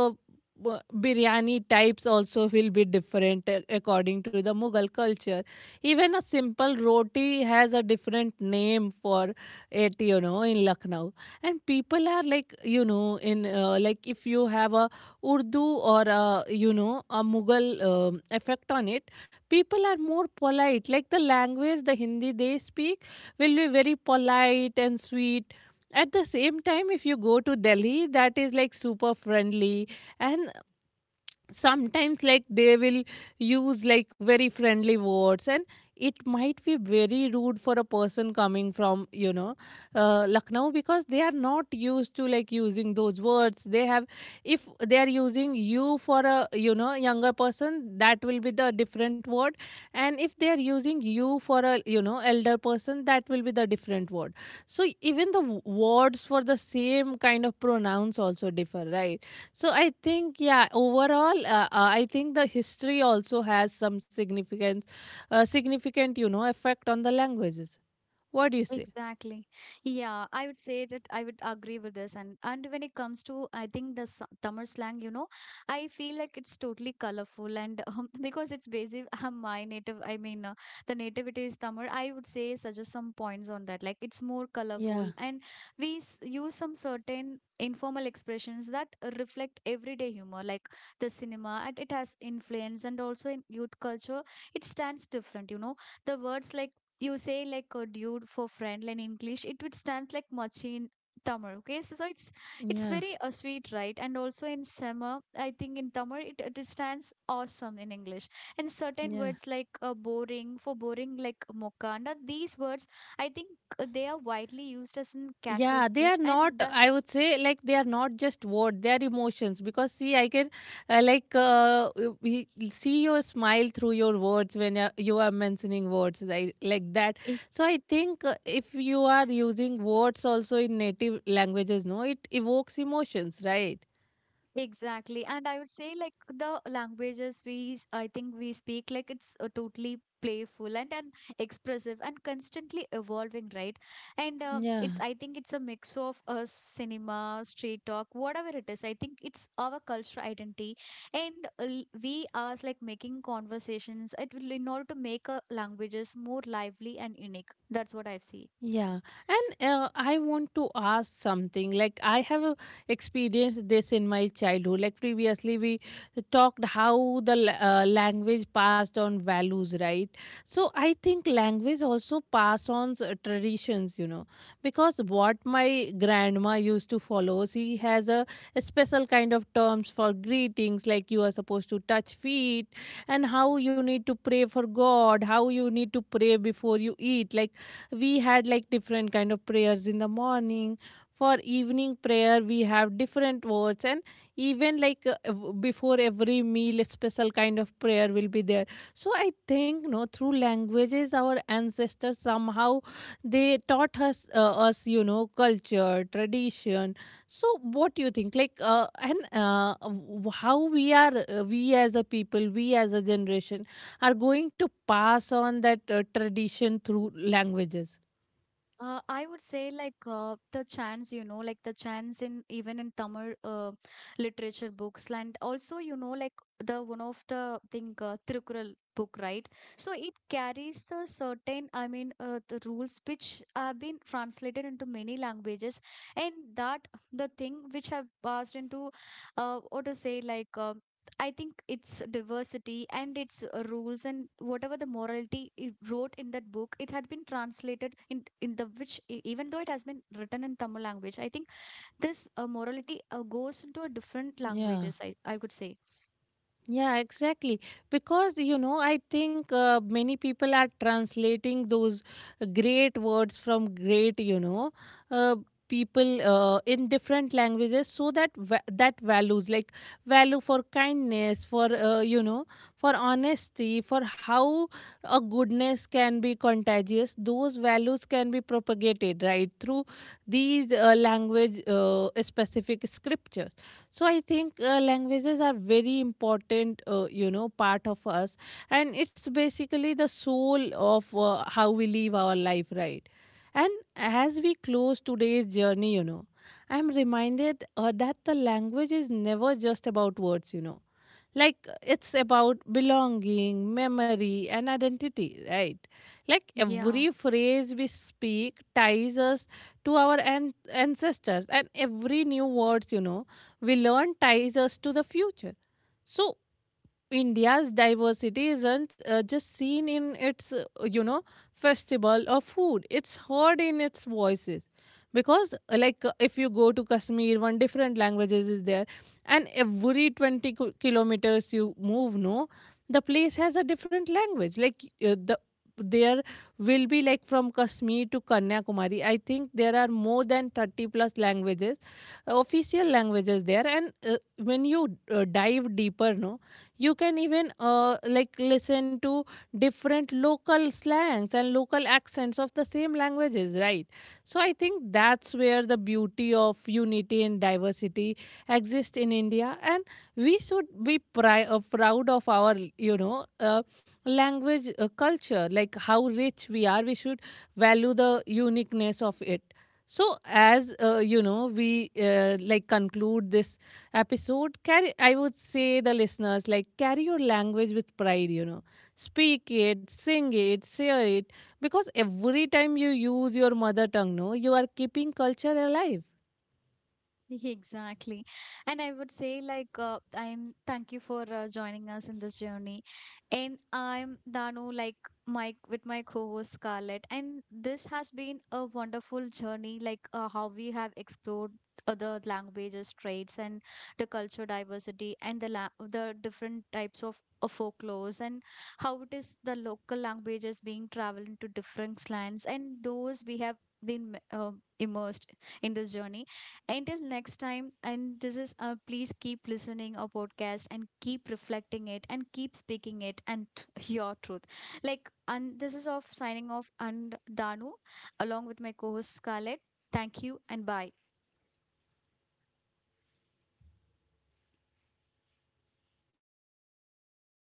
Speaker 2: biryani types also will be different according to the Mughal culture. Even a simple roti has a different name for it, you know, in Lucknow. And people are like, you know, in like if you have a Urdu or a, you know, a Mughal effect on it, people are more polite, like the language, the Hindi they speak will be very polite and sweet. At the same time, if you go to Delhi, that is like super friendly, and sometimes like they will use like very friendly words, and it might be very rude for a person coming from, you know, Lucknow, because they are not used to like using those words. They have, if they are using you for a, you know, younger person, that will be the different word, and if they are using you for a, you know, elder person, that will be the different word. So even the words for the same kind of pronouns also differ, right? So I think, yeah, overall, I think the history also has some significance, significant, you know, effect on the languages. What do you say?
Speaker 1: Exactly. Yeah, I would say that I would agree with this. And when it comes to, I think the Tamil slang, you know, I feel like it's totally colorful, and because it's basic. My native, I mean, the nativity is Tamil. I would say suggest some points on that. Like it's more colorful,
Speaker 2: Yeah,
Speaker 1: and we use some certain informal expressions that reflect everyday humor, like the cinema, and it has influence, and also in youth culture, it stands different. You know, the words like you say like a dude for friend in English, it would stand like machi in Tamil. Okay, so, so it's
Speaker 2: yeah,
Speaker 1: very sweet, right? And also in summer, I think in Tamil it, it stands awesome in English. And certain
Speaker 2: yeah.
Speaker 1: words like boring for boring like mokanda, these words, I think, they are widely used as in casual
Speaker 2: Yeah, they are
Speaker 1: speech,
Speaker 2: not,
Speaker 1: and the.
Speaker 2: I would say, like, they are not just words, they are emotions. Because, see, I can, uh, like, uh, w- we see your smile through your words when you are mentioning words, right? Like that. So, I think if you are using words also in native languages, no, it evokes emotions, right?
Speaker 1: Exactly. And I would say like the languages we I think we speak, like it's totally playful, and expressive and constantly evolving, right? And it's
Speaker 2: Yeah,
Speaker 1: I think it's a mix of cinema, street talk, whatever it is. I think it's our cultural identity. and we are like making conversations it will in order to make languages more lively and unique. That's what I've seen.
Speaker 2: yeah. And I want to ask something. Like I have experienced this in my childhood. Like previously we talked how the language passed on values, right? So I think language also pass on traditions, you know, because what my grandma used to follow, she has a special kind of terms for greetings, like you are supposed to touch feet and how you need to pray for God, how you need to pray before you eat. Like we had like different kind of prayers in the morning. For evening prayer we have different words, and even like before every meal a special kind of prayer will be there. So I think no, through languages our ancestors somehow they taught us you know, culture, tradition. So what do you think, like how we are, we as a people, we as a generation, are going to pass on that tradition through languages?
Speaker 1: I would say like the chants, you know, like the chants in even in Tamil literature books, and also you know like the one of the, I think, Tirukural book, right? So it carries the certain, I mean, the rules which have been translated into many languages, and that the thing which have passed into, what to say like. I think its diversity and its rules and whatever the morality it wrote in that book, it had been translated in the which even though it has been written in Tamil language, I think this morality goes into a different
Speaker 2: Yeah,
Speaker 1: languages, I could say.
Speaker 2: yeah, exactly. Because, you know, I think many people are translating those great words from great, you know, uh, people in different languages, so that that values, like value for kindness, for for honesty, for how a goodness can be contagious, those values can be propagated, right, through these language specific scriptures. So I think languages are very important you know, part of us, and it's basically the soul of how we live our life, right? And as we close today's journey, you know, I am reminded that the language is never just about words, you know. Like it's about belonging, memory and identity, right? Like
Speaker 1: Yeah.
Speaker 2: every phrase we speak ties us to our ancestors, and every new words, you know, we learn ties us to the future. So India's diversity isn't just seen in its, festival or food. It's heard in its voices. Because, if you go to Kashmir, one different languages is there. And every 20 kilometers you move, no, the place has a different language. Like, the there will be like from Kashmir to Kanyakumari. I think there are more than 30 plus languages, official languages there. And when you dive deeper, no, you can even like listen to different local slangs and local accents of the same languages, right? So I think that's where the beauty of unity and diversity exists in India, and we should be proud of our, you know, language culture, like how rich we are. We should value the uniqueness of it. So, as we like conclude this episode. Carry, I would say the listeners like carry your language with pride. You know, speak it, sing it, share it, because every time you use your mother tongue, no, you are keeping culture alive.
Speaker 1: Exactly. And I would say like I'm thank you for joining us in this journey. And I'm Danu, like Mike, with my co-host Scarlett, and this has been a wonderful journey, like how we have explored other languages traits and the culture diversity and the different types of folklores and how it is the local languages being traveled into different lands, and those we have been immersed in this journey until next time. And this is, please keep listening our podcast and keep reflecting it and keep speaking it and your truth. Like, and this is off signing off and Danu along with my co host Scarlett. Thank you and bye.